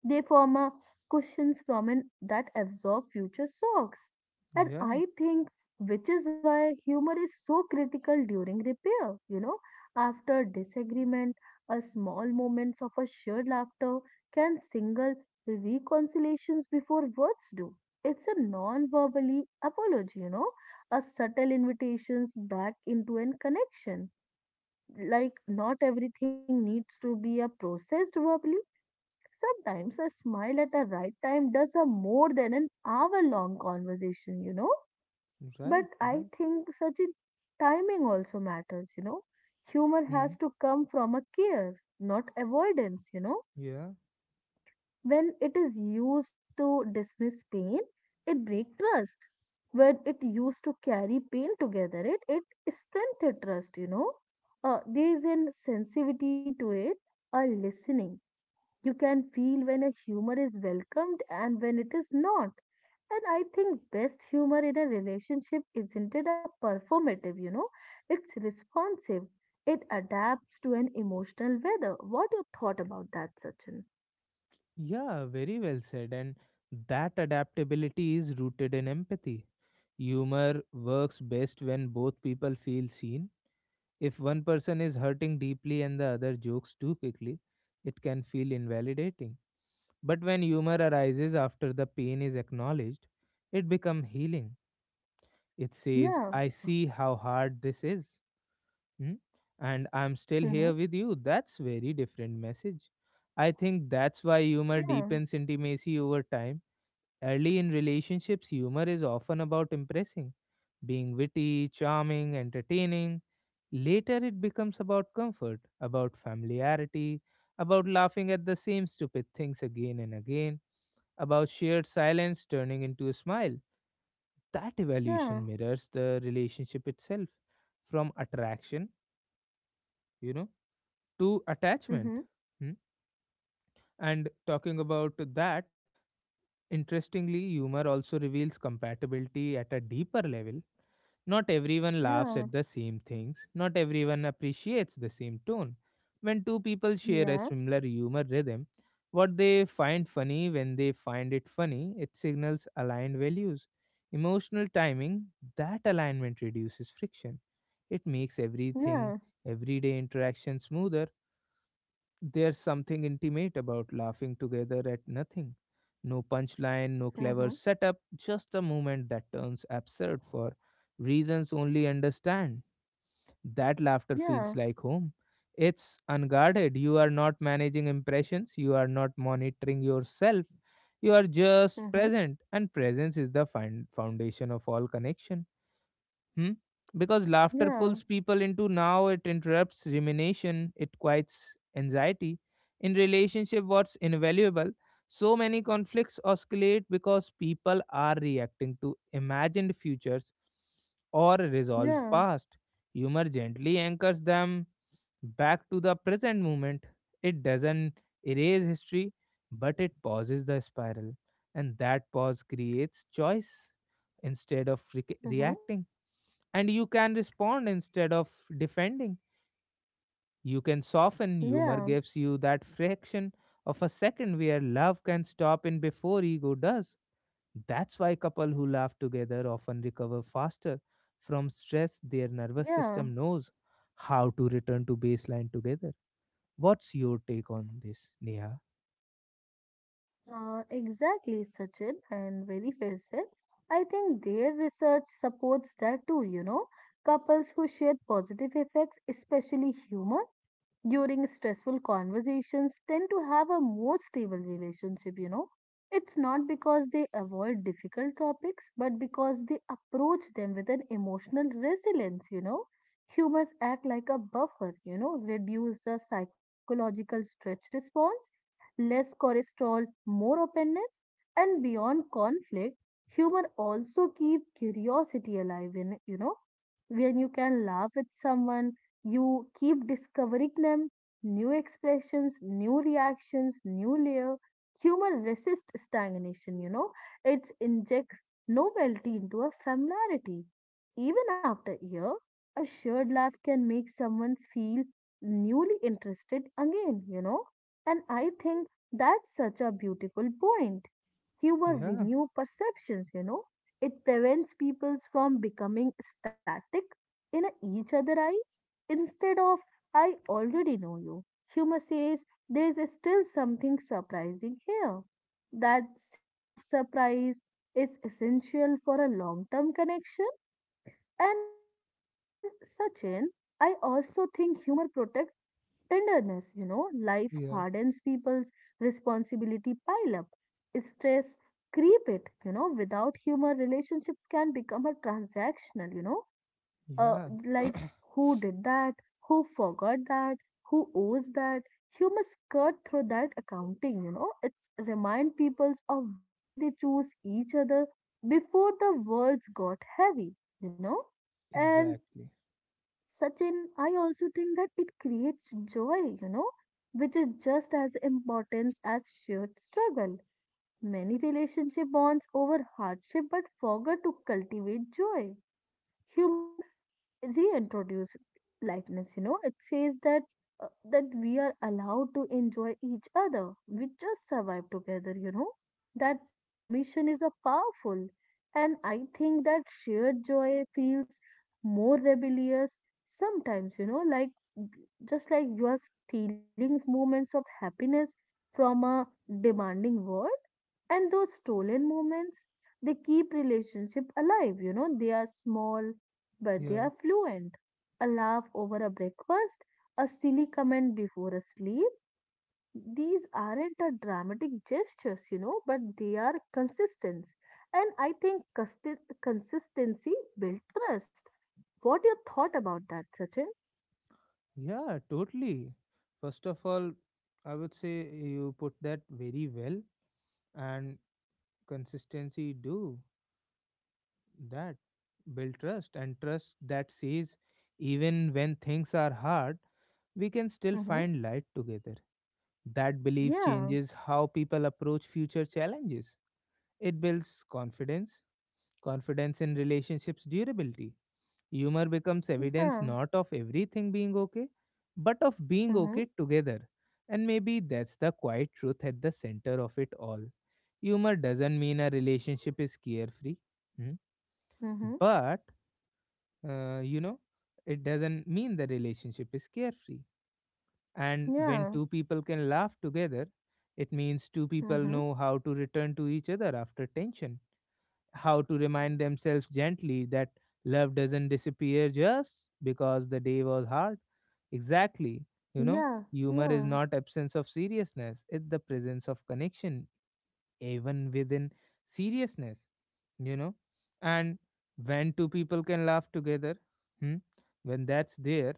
Speaker 2: they form a cushions from that absorb future shocks. And
Speaker 1: yeah,
Speaker 2: I think which is why humor is so critical during repair, you know, after disagreement, a small moments of a shared laughter can single reconciliations before words do. It's a non-verbally apology, you know, a subtle invitations back into an connection. Like not everything needs to be a processed verbally. Sometimes a smile at the right time does a more than an hour long conversation, you know. But
Speaker 1: right,
Speaker 2: I
Speaker 1: right.
Speaker 2: think such a timing also matters, you know. Humor has
Speaker 1: Mm.
Speaker 2: to come from a care, not avoidance, you know.
Speaker 1: Yeah.
Speaker 2: When it is used to dismiss pain, it breaks trust. When it used to carry pain together, it strengthens trust, you know. There is an sensitivity to it, a listening you can feel when a humor is welcomed and when it is not. And I think best humor in a relationship isn't it a performative, you know? It's responsive. It adapts to an emotional weather. What you thought about that, Sachin?
Speaker 1: Yeah, very well said. And that adaptability is rooted in empathy. Humor works best when both people feel seen. If one person is hurting deeply and the other jokes too quickly, it can feel invalidating. But when humor arises after the pain is acknowledged, it becomes healing. It says,
Speaker 2: Yeah.
Speaker 1: I see how hard this is, hmm? And I'm
Speaker 2: Mm-hmm.
Speaker 1: still here with you. That's very different message. I think that's why humor
Speaker 2: Yeah.
Speaker 1: deepens intimacy over time. Early in relationships, humor is often about impressing, being witty, charming, entertaining. Later, it becomes about comfort, about familiarity, about laughing at the same stupid things again and again, about shared silence turning into a smile. That evolution
Speaker 2: Yeah.
Speaker 1: mirrors the relationship itself, from attraction, you know, to attachment.
Speaker 2: Mm-hmm.
Speaker 1: Hmm? And talking about that, interestingly, humor also reveals compatibility at a deeper level. Not everyone laughs at
Speaker 2: Yeah.
Speaker 1: the same things, not everyone appreciates the same tone. When two people share a
Speaker 2: Yeah.
Speaker 1: similar humor rhythm, what they find funny, when they find it funny, it signals aligned values. Emotional timing, that alignment reduces friction. It makes everything,
Speaker 2: Yeah.
Speaker 1: everyday interaction smoother. There's something intimate about laughing together at nothing. No punchline, no
Speaker 2: Mm-hmm.
Speaker 1: clever setup, just a moment that turns absurd for reasons only understand. That laughter feels
Speaker 2: Yeah.
Speaker 1: like home. It's unguarded. You are not managing impressions, you are not monitoring yourself. You are just
Speaker 2: Mm-hmm.
Speaker 1: present, and presence is the foundation of all connection. Hmm? Because laughter
Speaker 2: Yeah.
Speaker 1: pulls people into now, it interrupts rumination, it quiets anxiety. In relationship, what's invaluable? So many conflicts oscillate because people are reacting to imagined futures or resolved
Speaker 2: Yeah.
Speaker 1: past. Humor gently anchors them back to the present moment. It doesn't erase history, but it pauses the spiral, and that pause creates choice. Instead of
Speaker 2: Mm-hmm.
Speaker 1: reacting, and you can respond instead of defending. You can soften. Humor
Speaker 2: Yeah.
Speaker 1: gives you that fraction of a second where love can stop in before ego does. That's why couple who laugh together often recover faster from stress. Their nervous
Speaker 2: Yeah.
Speaker 1: system knows how to return to baseline together. What's your take on this, Neha?
Speaker 2: Exactly, Sachin, and very well said. I think their research supports that too, you know. Couples who share positive effects, especially humor, during stressful conversations tend to have a more stable relationship you know it's not because they avoid difficult topics but because they approach them with an emotional resilience you know humors act like a buffer you know reduce the psychological stretch response less cortisol, more openness and beyond conflict humor also keep curiosity alive in you know when you can laugh with someone you keep discovering them, new expressions, new reactions, new layer. Humor resists stagnation, you know. It injects novelty into a familiarity. Even after a year, a shared laugh can make someone feel newly interested again, you know. And I think that's such a beautiful point. Humor
Speaker 1: Yeah,
Speaker 2: renew perceptions, you know. It prevents people from becoming static in a each other eyes. Instead of, I already know you, humor says, there's still something surprising here. That sense of surprise is essential for a long term connection. And Sachin, I also think humor protects tenderness, life hardens
Speaker 1: yeah,
Speaker 2: people's responsibility pile up. Stress creep it, without humor, relationships can become a transactional, uh,
Speaker 1: yeah.
Speaker 2: like who did that, who forgot that, who owes that. Humor skirt through that accounting, it's remind people of why they choose each other before the words got heavy, you know, and
Speaker 1: Exactly.
Speaker 2: Sachin, I also think that it creates joy, which is just as important as shared struggle. Many relationship bonds over hardship but forget to cultivate joy. Humor reintroduce lightness, it says that, that we are allowed to enjoy each other, we just survive together, that permission is a powerful. And I think that shared joy feels more rebellious sometimes, like, just like you are stealing moments of happiness from a demanding world. And those stolen moments, they keep relationship alive, they are small but they are
Speaker 1: Yeah.
Speaker 2: fluent. A laugh over a breakfast, a silly comment before a sleep. These aren't a dramatic gestures, but they are consistent. And I think consistency builds trust. What your thought about that, Sachin?
Speaker 1: Yeah, totally. First of all, I would say you put that very well, and consistency do that. Build trust, and trust that says even when things are hard, we can still
Speaker 2: Mm-hmm.
Speaker 1: find light together. That belief
Speaker 2: Yeah,
Speaker 1: changes how people approach future challenges. It builds confidence, confidence in relationships, durability. Humor becomes evidence
Speaker 2: yeah,
Speaker 1: not of everything being okay, but of being okay
Speaker 2: mm-hmm.
Speaker 1: together. And maybe that's the quiet truth at the center of it all. Humor doesn't mean a relationship is carefree, hmm,
Speaker 2: Mm-hmm.
Speaker 1: but uh, you know, it doesn't mean the relationship is carefree. And when
Speaker 2: Yeah,
Speaker 1: two people can laugh together, it means two people
Speaker 2: mm-hmm.
Speaker 1: know how to return to each other after tension, how to remind themselves gently that love doesn't disappear just because the day was hard. Exactly. You know,
Speaker 2: Yeah,
Speaker 1: humor is
Speaker 2: yeah,
Speaker 1: not absence of seriousness, it's the presence of connection, even within seriousness, you know. And when two people can laugh together, hmm, when that's there,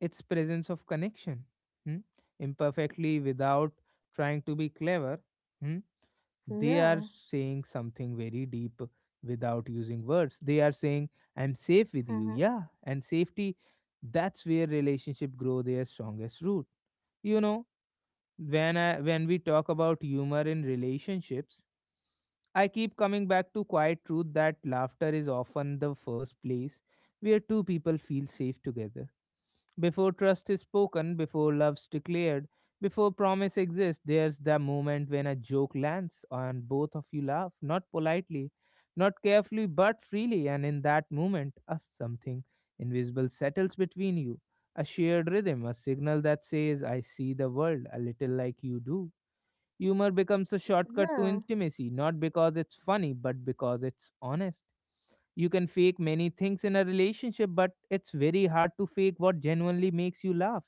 Speaker 1: it's presence of connection. Hmm? Imperfectly without trying to be clever, hmm, they are
Speaker 2: yeah,
Speaker 1: saying something very deep. Without using words, they are saying I'm safe with you,
Speaker 2: mm-hmm.
Speaker 1: yeah, and safety, that's where relationship grow their strongest root, you know. When we talk about humor in relationships, I keep coming back to quiet truth that laughter is often the first place where two people feel safe together. Before trust is spoken, before love's declared, before promise exists, there's the moment when a joke lands and both of you laugh, not politely, not carefully, but freely. And in that moment, a something invisible settles between you, a shared rhythm, a signal that says, I see the world a little like you do. Humor becomes a shortcut to
Speaker 2: Yeah,
Speaker 1: intimacy, not because it's funny, but because it's honest. You can fake many things in a relationship, but it's very hard to fake what genuinely makes you laugh.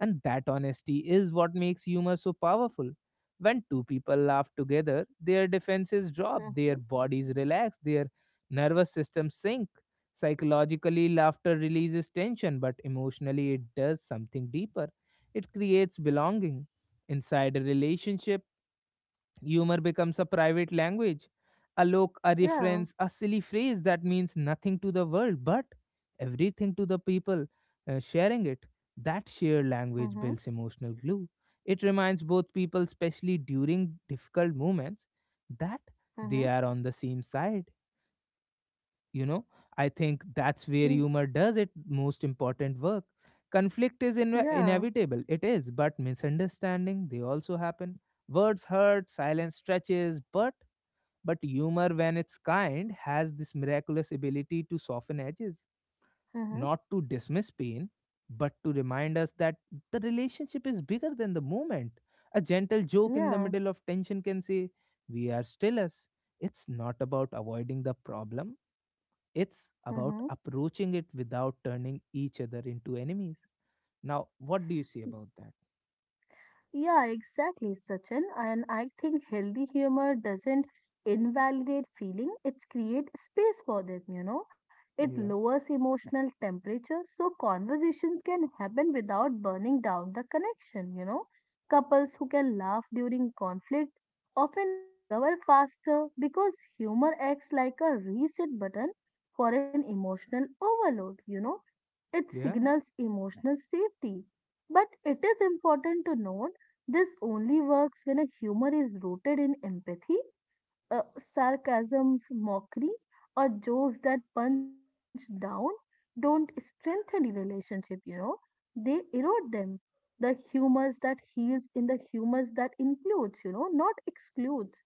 Speaker 1: And that honesty is what makes humor so powerful. When two people laugh together, their defenses drop,
Speaker 2: mm-hmm.
Speaker 1: their bodies relax, their nervous systems sink. Psychologically, laughter releases tension, but emotionally, it does something deeper. It creates belonging. Inside a relationship, humor becomes a private language, a look, a
Speaker 2: Yeah,
Speaker 1: reference, a silly phrase that means nothing to the world but everything to the people sharing it. That shared
Speaker 2: mm-hmm.
Speaker 1: language builds emotional glue. It reminds both people, especially during difficult moments, that
Speaker 2: Mm-hmm.
Speaker 1: they are on the same side, you know. I think that's where humor does its most important work. Conflict is
Speaker 2: Yeah.
Speaker 1: inevitable, it is, but misunderstanding, they also happen. Words hurt, silence stretches, but humor, when it's kind, has this miraculous ability to soften edges,
Speaker 2: Mm-hmm.
Speaker 1: not to dismiss pain but to remind us that the relationship is bigger than the moment. A gentle joke in the
Speaker 2: Yeah.
Speaker 1: middle of tension can say, we are still us. It's not about avoiding the problem, it's
Speaker 2: Mm-hmm.
Speaker 1: about approaching it without turning each other into enemies. Now, what do you say about that?
Speaker 2: Yeah, exactly, Sachin. And I think healthy humor doesn't invalidate feeling, it's create space for them. It
Speaker 1: Yeah.
Speaker 2: lowers emotional temperature so conversations can happen without burning down the connection. Couples who can laugh during conflict often recover faster because humor acts like a reset button for an emotional overload. It
Speaker 1: Yeah.
Speaker 2: signals emotional safety. But it is important to note this only works when a humor is rooted in empathy. Sarcasms, mockery, or jokes that punch down don't strengthen the relationship, they erode them. The humors that heals in the humors that includes, not excludes.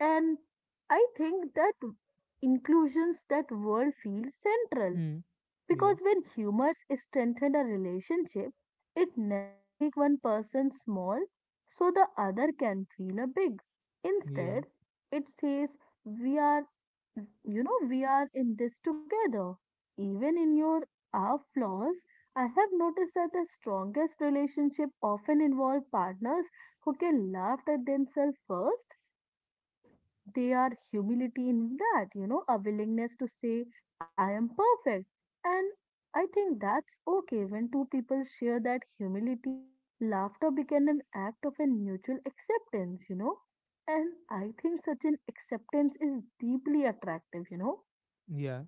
Speaker 2: And I think that inclusions that world feels central,
Speaker 1: Hmm.
Speaker 2: because
Speaker 1: Yeah.
Speaker 2: when humors strengthen a relationship, it never make one person small so the other can feel a big.
Speaker 1: Yeah.
Speaker 2: Instead, it says we are, we are in this together. Even in your our flaws, I have noticed that the strongest relationship often involve partners who can laugh at themselves first, you know, they are humility in that, a willingness to say, I am perfect. And I think that's okay, when two people share that humility, laughter became an act of a mutual acceptance. And I think such an acceptance is deeply attractive.
Speaker 1: Yeah.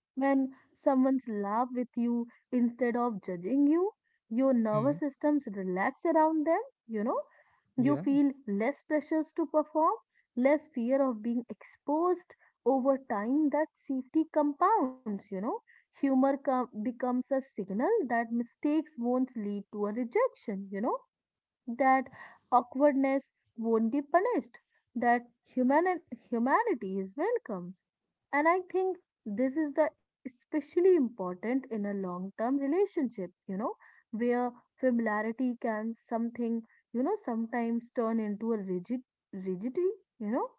Speaker 2: When someone's laugh with you instead of judging you, your
Speaker 1: Hmm.
Speaker 2: nervous systems relax around them, you know you
Speaker 1: Yeah.
Speaker 2: feel less pressures to perform, less fear of being exposed. Over time that safety compounds, Humor becomes a signal that mistakes won't lead to a rejection, that awkwardness won't be punished, that humanity is welcomed. And I think this is the especially important in a long-term relationship, where familiarity can something, sometimes turn into a rigidity, you know.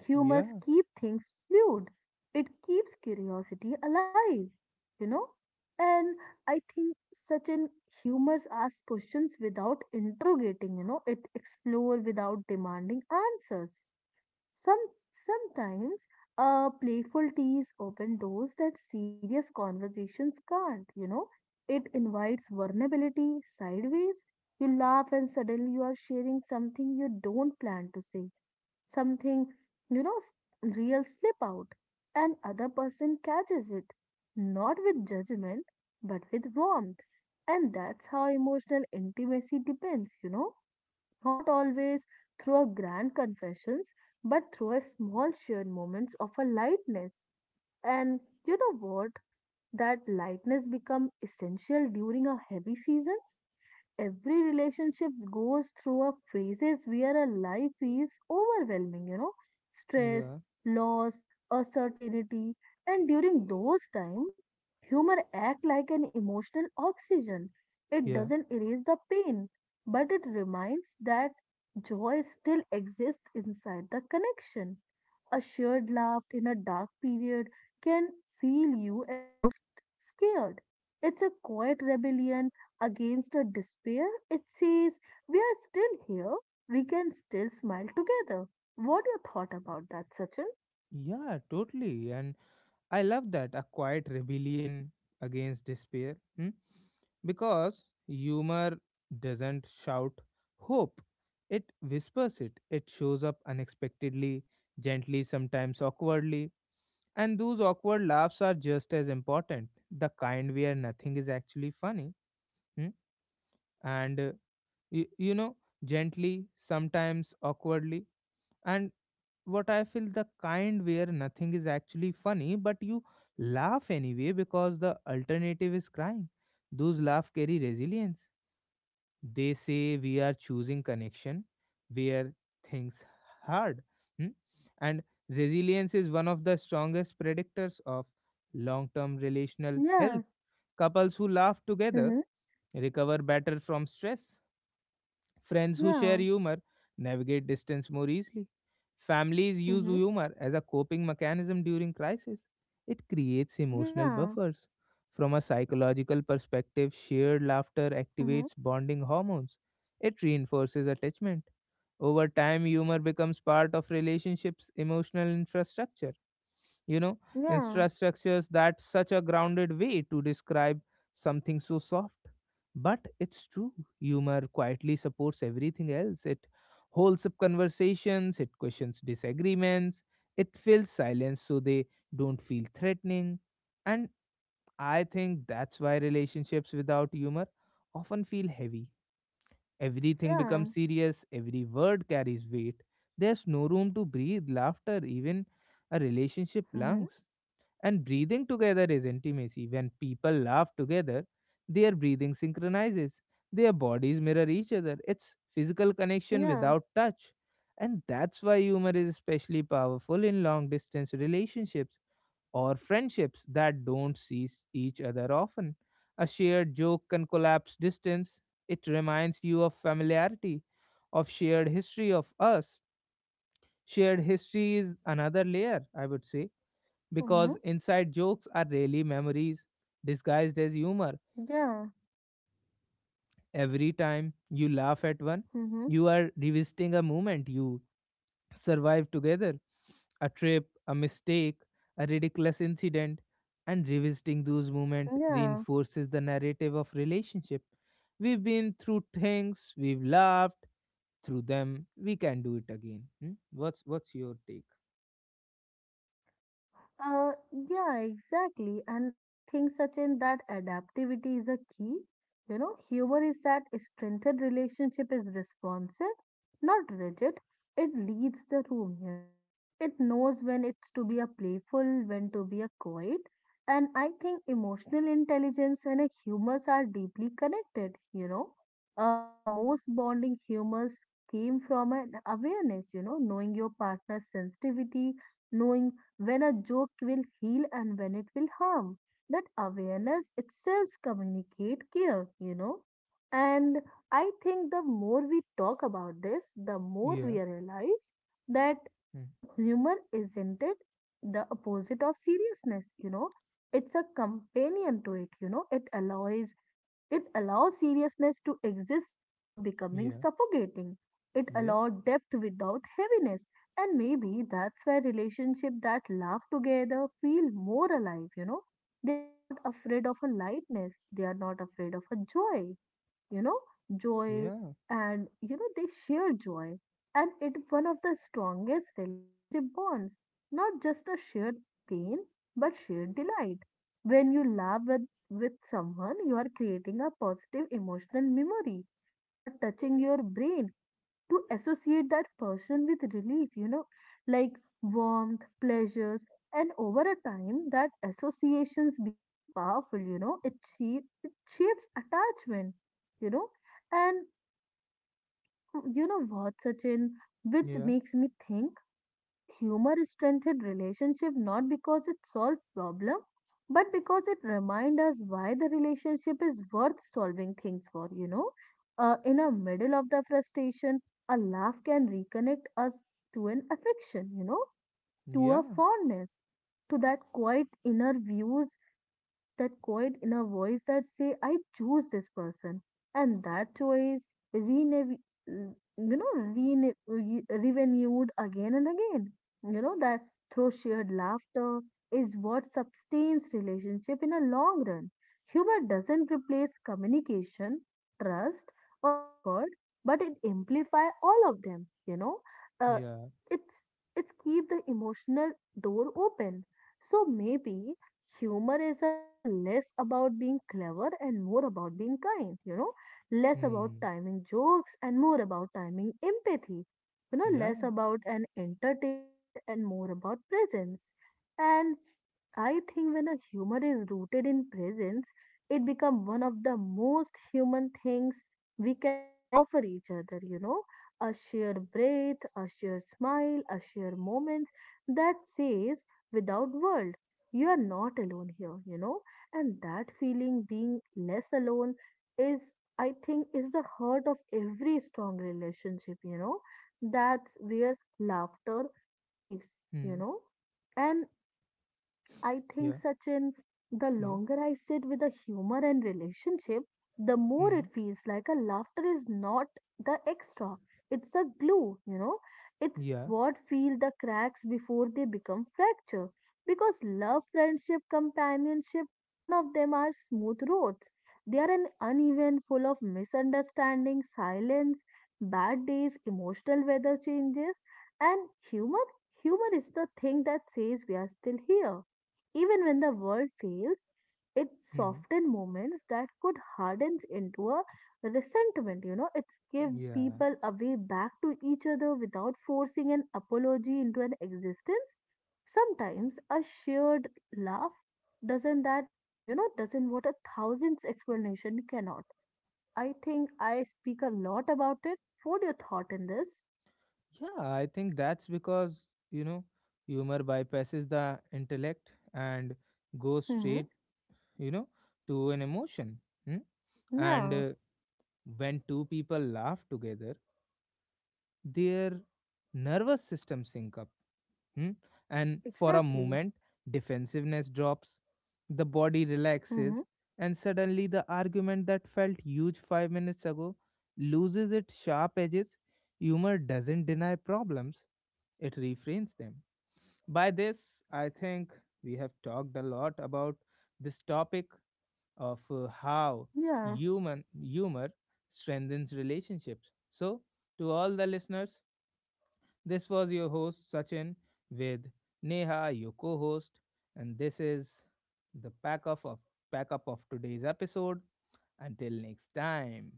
Speaker 2: Humors
Speaker 1: Yeah.
Speaker 2: keep things fluid. It keeps curiosity alive, you know. And I think such an humorous ask questions without interrogating, it explore without demanding answers. some Sometimes, playful teas open doors that serious conversations can't, it invites vulnerability sideways. You laugh and suddenly you are sharing something you don't plan to say, something, you know, s- real slip out, and other person catches it, not with judgment, but with warmth. And that's how emotional intimacy depends, not always through a grand confessions, but through a small shared moments of a lightness. And you know what? That lightness become essential during our heavy seasons. Every relationship goes through a phases where a life is overwhelming,
Speaker 1: Yeah.
Speaker 2: stress, loss, uncertainty, and during those times, humor act like an emotional oxygen. It
Speaker 1: Yeah.
Speaker 2: doesn't erase the pain, but it reminds that joy still exists inside the connection. A shared laugh in a dark period can feel you almost scared. It's a quiet rebellion against a despair. It says, we are still here. We can still smile together. What your thought about that, Sachin?
Speaker 1: Yeah, totally. And I love that, a quiet rebellion against despair. Hmm? Because humor doesn't shout hope, it whispers it. It shows up unexpectedly, gently, sometimes awkwardly. And those awkward laughs are just as important. The kind where nothing is actually funny. Hmm? And, you, you know, Gently, sometimes awkwardly, and what I feel, the kind where nothing is actually funny, but you laugh anyway because the alternative is crying. Those laugh carry resilience. They say we are choosing connection where things hard, hmm? And resilience is one of the strongest predictors of long-term relational
Speaker 2: Yeah.
Speaker 1: health. Couples who laugh together
Speaker 2: Mm-hmm.
Speaker 1: recover better from stress. Friends who share
Speaker 2: Yeah.
Speaker 1: humor navigate distance more easily. Families use
Speaker 2: Mm-hmm.
Speaker 1: humor as a coping mechanism during crisis. It creates emotional
Speaker 2: Yeah.
Speaker 1: buffers. From a psychological perspective, shared laughter
Speaker 2: Mm-hmm.
Speaker 1: activates bonding hormones. It reinforces attachment. Over time, humor becomes part of relationships' emotional infrastructure, you know.
Speaker 2: Yeah.
Speaker 1: Infrastructures, that's such a grounded way to describe something so soft, but it's true. Humor quietly supports everything else. It holds up conversations, it questions disagreements, it fills silence so they don't feel threatening. And I think that's why relationships without humor often feel heavy. Everything
Speaker 2: Yeah.
Speaker 1: becomes serious, every word carries weight. There's no room to breathe. Laughter even a relationship
Speaker 2: Mm-hmm.
Speaker 1: lungs, and breathing together is intimacy. When people laugh together, their breathing synchronizes, their bodies mirror each other. It's physical connection
Speaker 2: Yeah.
Speaker 1: without touch. And that's why humor is especially powerful in long distance relationships or friendships that don't see each other often. A shared joke can collapse distance. It reminds you of familiarity, of shared history of us. Shared history is another layer, I would say,
Speaker 2: Mm-hmm.
Speaker 1: because inside jokes are really memories disguised as humor.
Speaker 2: Yeah.
Speaker 1: Every time you laugh at one,
Speaker 2: Mm-hmm.
Speaker 1: you are revisiting a moment you survived together, a trip, a mistake, a ridiculous incident, and revisiting those moments
Speaker 2: Yeah.
Speaker 1: reinforces the narrative of relationship. We've been through things, we've laughed through them, we can do it again. Hmm? What's your take?
Speaker 2: Yeah, exactly. And I think, Sachin, that adaptivity is a key. Humor is that strengthened relationship is responsive, not rigid. It leads the room, It knows when it's to be a playful, when to be a quiet. And I think emotional intelligence and a humors are deeply connected, The most bonding humors came from an awareness, knowing your partner's sensitivity, knowing when a joke will heal and when it will harm. That awareness itself communicate care, And I think the more we talk about this, the more
Speaker 1: Yeah.
Speaker 2: we realize that
Speaker 1: Hmm.
Speaker 2: humor isn't it the opposite of seriousness, It's a companion to it, It allows seriousness to exist without becoming
Speaker 1: Yeah.
Speaker 2: suffocating. It
Speaker 1: Yeah.
Speaker 2: allows depth without heaviness. And maybe that's why relationships that laugh together feel more alive, They are not afraid of a lightness, they are not afraid of a joy, you know, joy,
Speaker 1: Yeah.
Speaker 2: and, they share joy. And it one of the strongest relationship bonds, not just a shared pain, but shared delight. When you laugh with someone, you are creating a positive emotional memory. You are touching your brain to associate that person with relief, like warmth, pleasures, and over a time that associations become powerful, it shapes attachment, you know, and you know what, Sachin? Which
Speaker 1: Yeah.
Speaker 2: makes me think maybe a humor strengthened relationship not because it solves problem, but because it reminds us why the relationship is worth solving things for. In a middle of the frustration, a laugh can reconnect us to an affection. To a
Speaker 1: Yeah.
Speaker 2: fondness, to that quiet inner views, you know, that quiet inner voice that say, I choose this person. And that choice renew, you renewed again and again. That through shared laughter is what sustains relationship in a long run. Humor doesn't replace communication, trust, or effort, but it amplifies all of them. Uh,
Speaker 1: Yeah.
Speaker 2: it it's keep the emotional door open. So maybe humor is a less about being clever and more about being kind, less about
Speaker 1: Hmm.
Speaker 2: timing jokes and more about timing empathy, less
Speaker 1: Yeah.
Speaker 2: about an entertainment and more about presence. And I think when a humor is rooted in presence, it becomes one of the most human things we can offer each other, A shared breath, a shared smile, a shared moments that says without word, you are not alone here, And that feeling being less alone is, I think, is the heart of every strong relationship, That's where laughter lives, you
Speaker 1: Hmm.
Speaker 2: know. And I think,
Speaker 1: Yeah.
Speaker 2: Sachin, the
Speaker 1: Yeah.
Speaker 2: longer I sit with a humor and relationship, the more it
Speaker 1: Hmm.
Speaker 2: feels like a laughter is not the extra. It's a glue, It's
Speaker 1: Yeah.
Speaker 2: what feel the cracks before they become fracture. Because love, friendship, companionship, none of them are smooth roads. They are an uneven, full of misunderstanding, silence, bad days, emotional weather changes, and humor. Humor is the thing that says we are still here even when the world fails. It
Speaker 1: Hmm.
Speaker 2: softens moments that could hardens into a resentment. It's give
Speaker 1: Yeah.
Speaker 2: people a way back to each other without forcing an apology into an existence. Sometimes a shared laugh doesn't that, doesn't what a thousand's explanation cannot. I think I speak a lot about it. What your thought in this?
Speaker 1: Yeah. I think that's because, you know, humor bypasses the intellect and goes
Speaker 2: Hmm.
Speaker 1: straight, you know, to an emotion. Hmm. And
Speaker 2: Yeah,
Speaker 1: when two people laugh together, their nervous system sync up. Hmm? And for a
Speaker 2: exactly.
Speaker 1: moment, defensiveness drops, the body
Speaker 2: Hmm.
Speaker 1: relaxes, and suddenly the argument that felt huge 5 minutes ago loses its sharp edges. Humor doesn't deny problems, it reframes them. By this, I think we have talked a lot about this topic of how
Speaker 2: Yeah.
Speaker 1: human humor strengthens relationships. So, to all the listeners, this was your host Sachin with Neha, your co-host, and this is the pack up of today's episode. Until next time.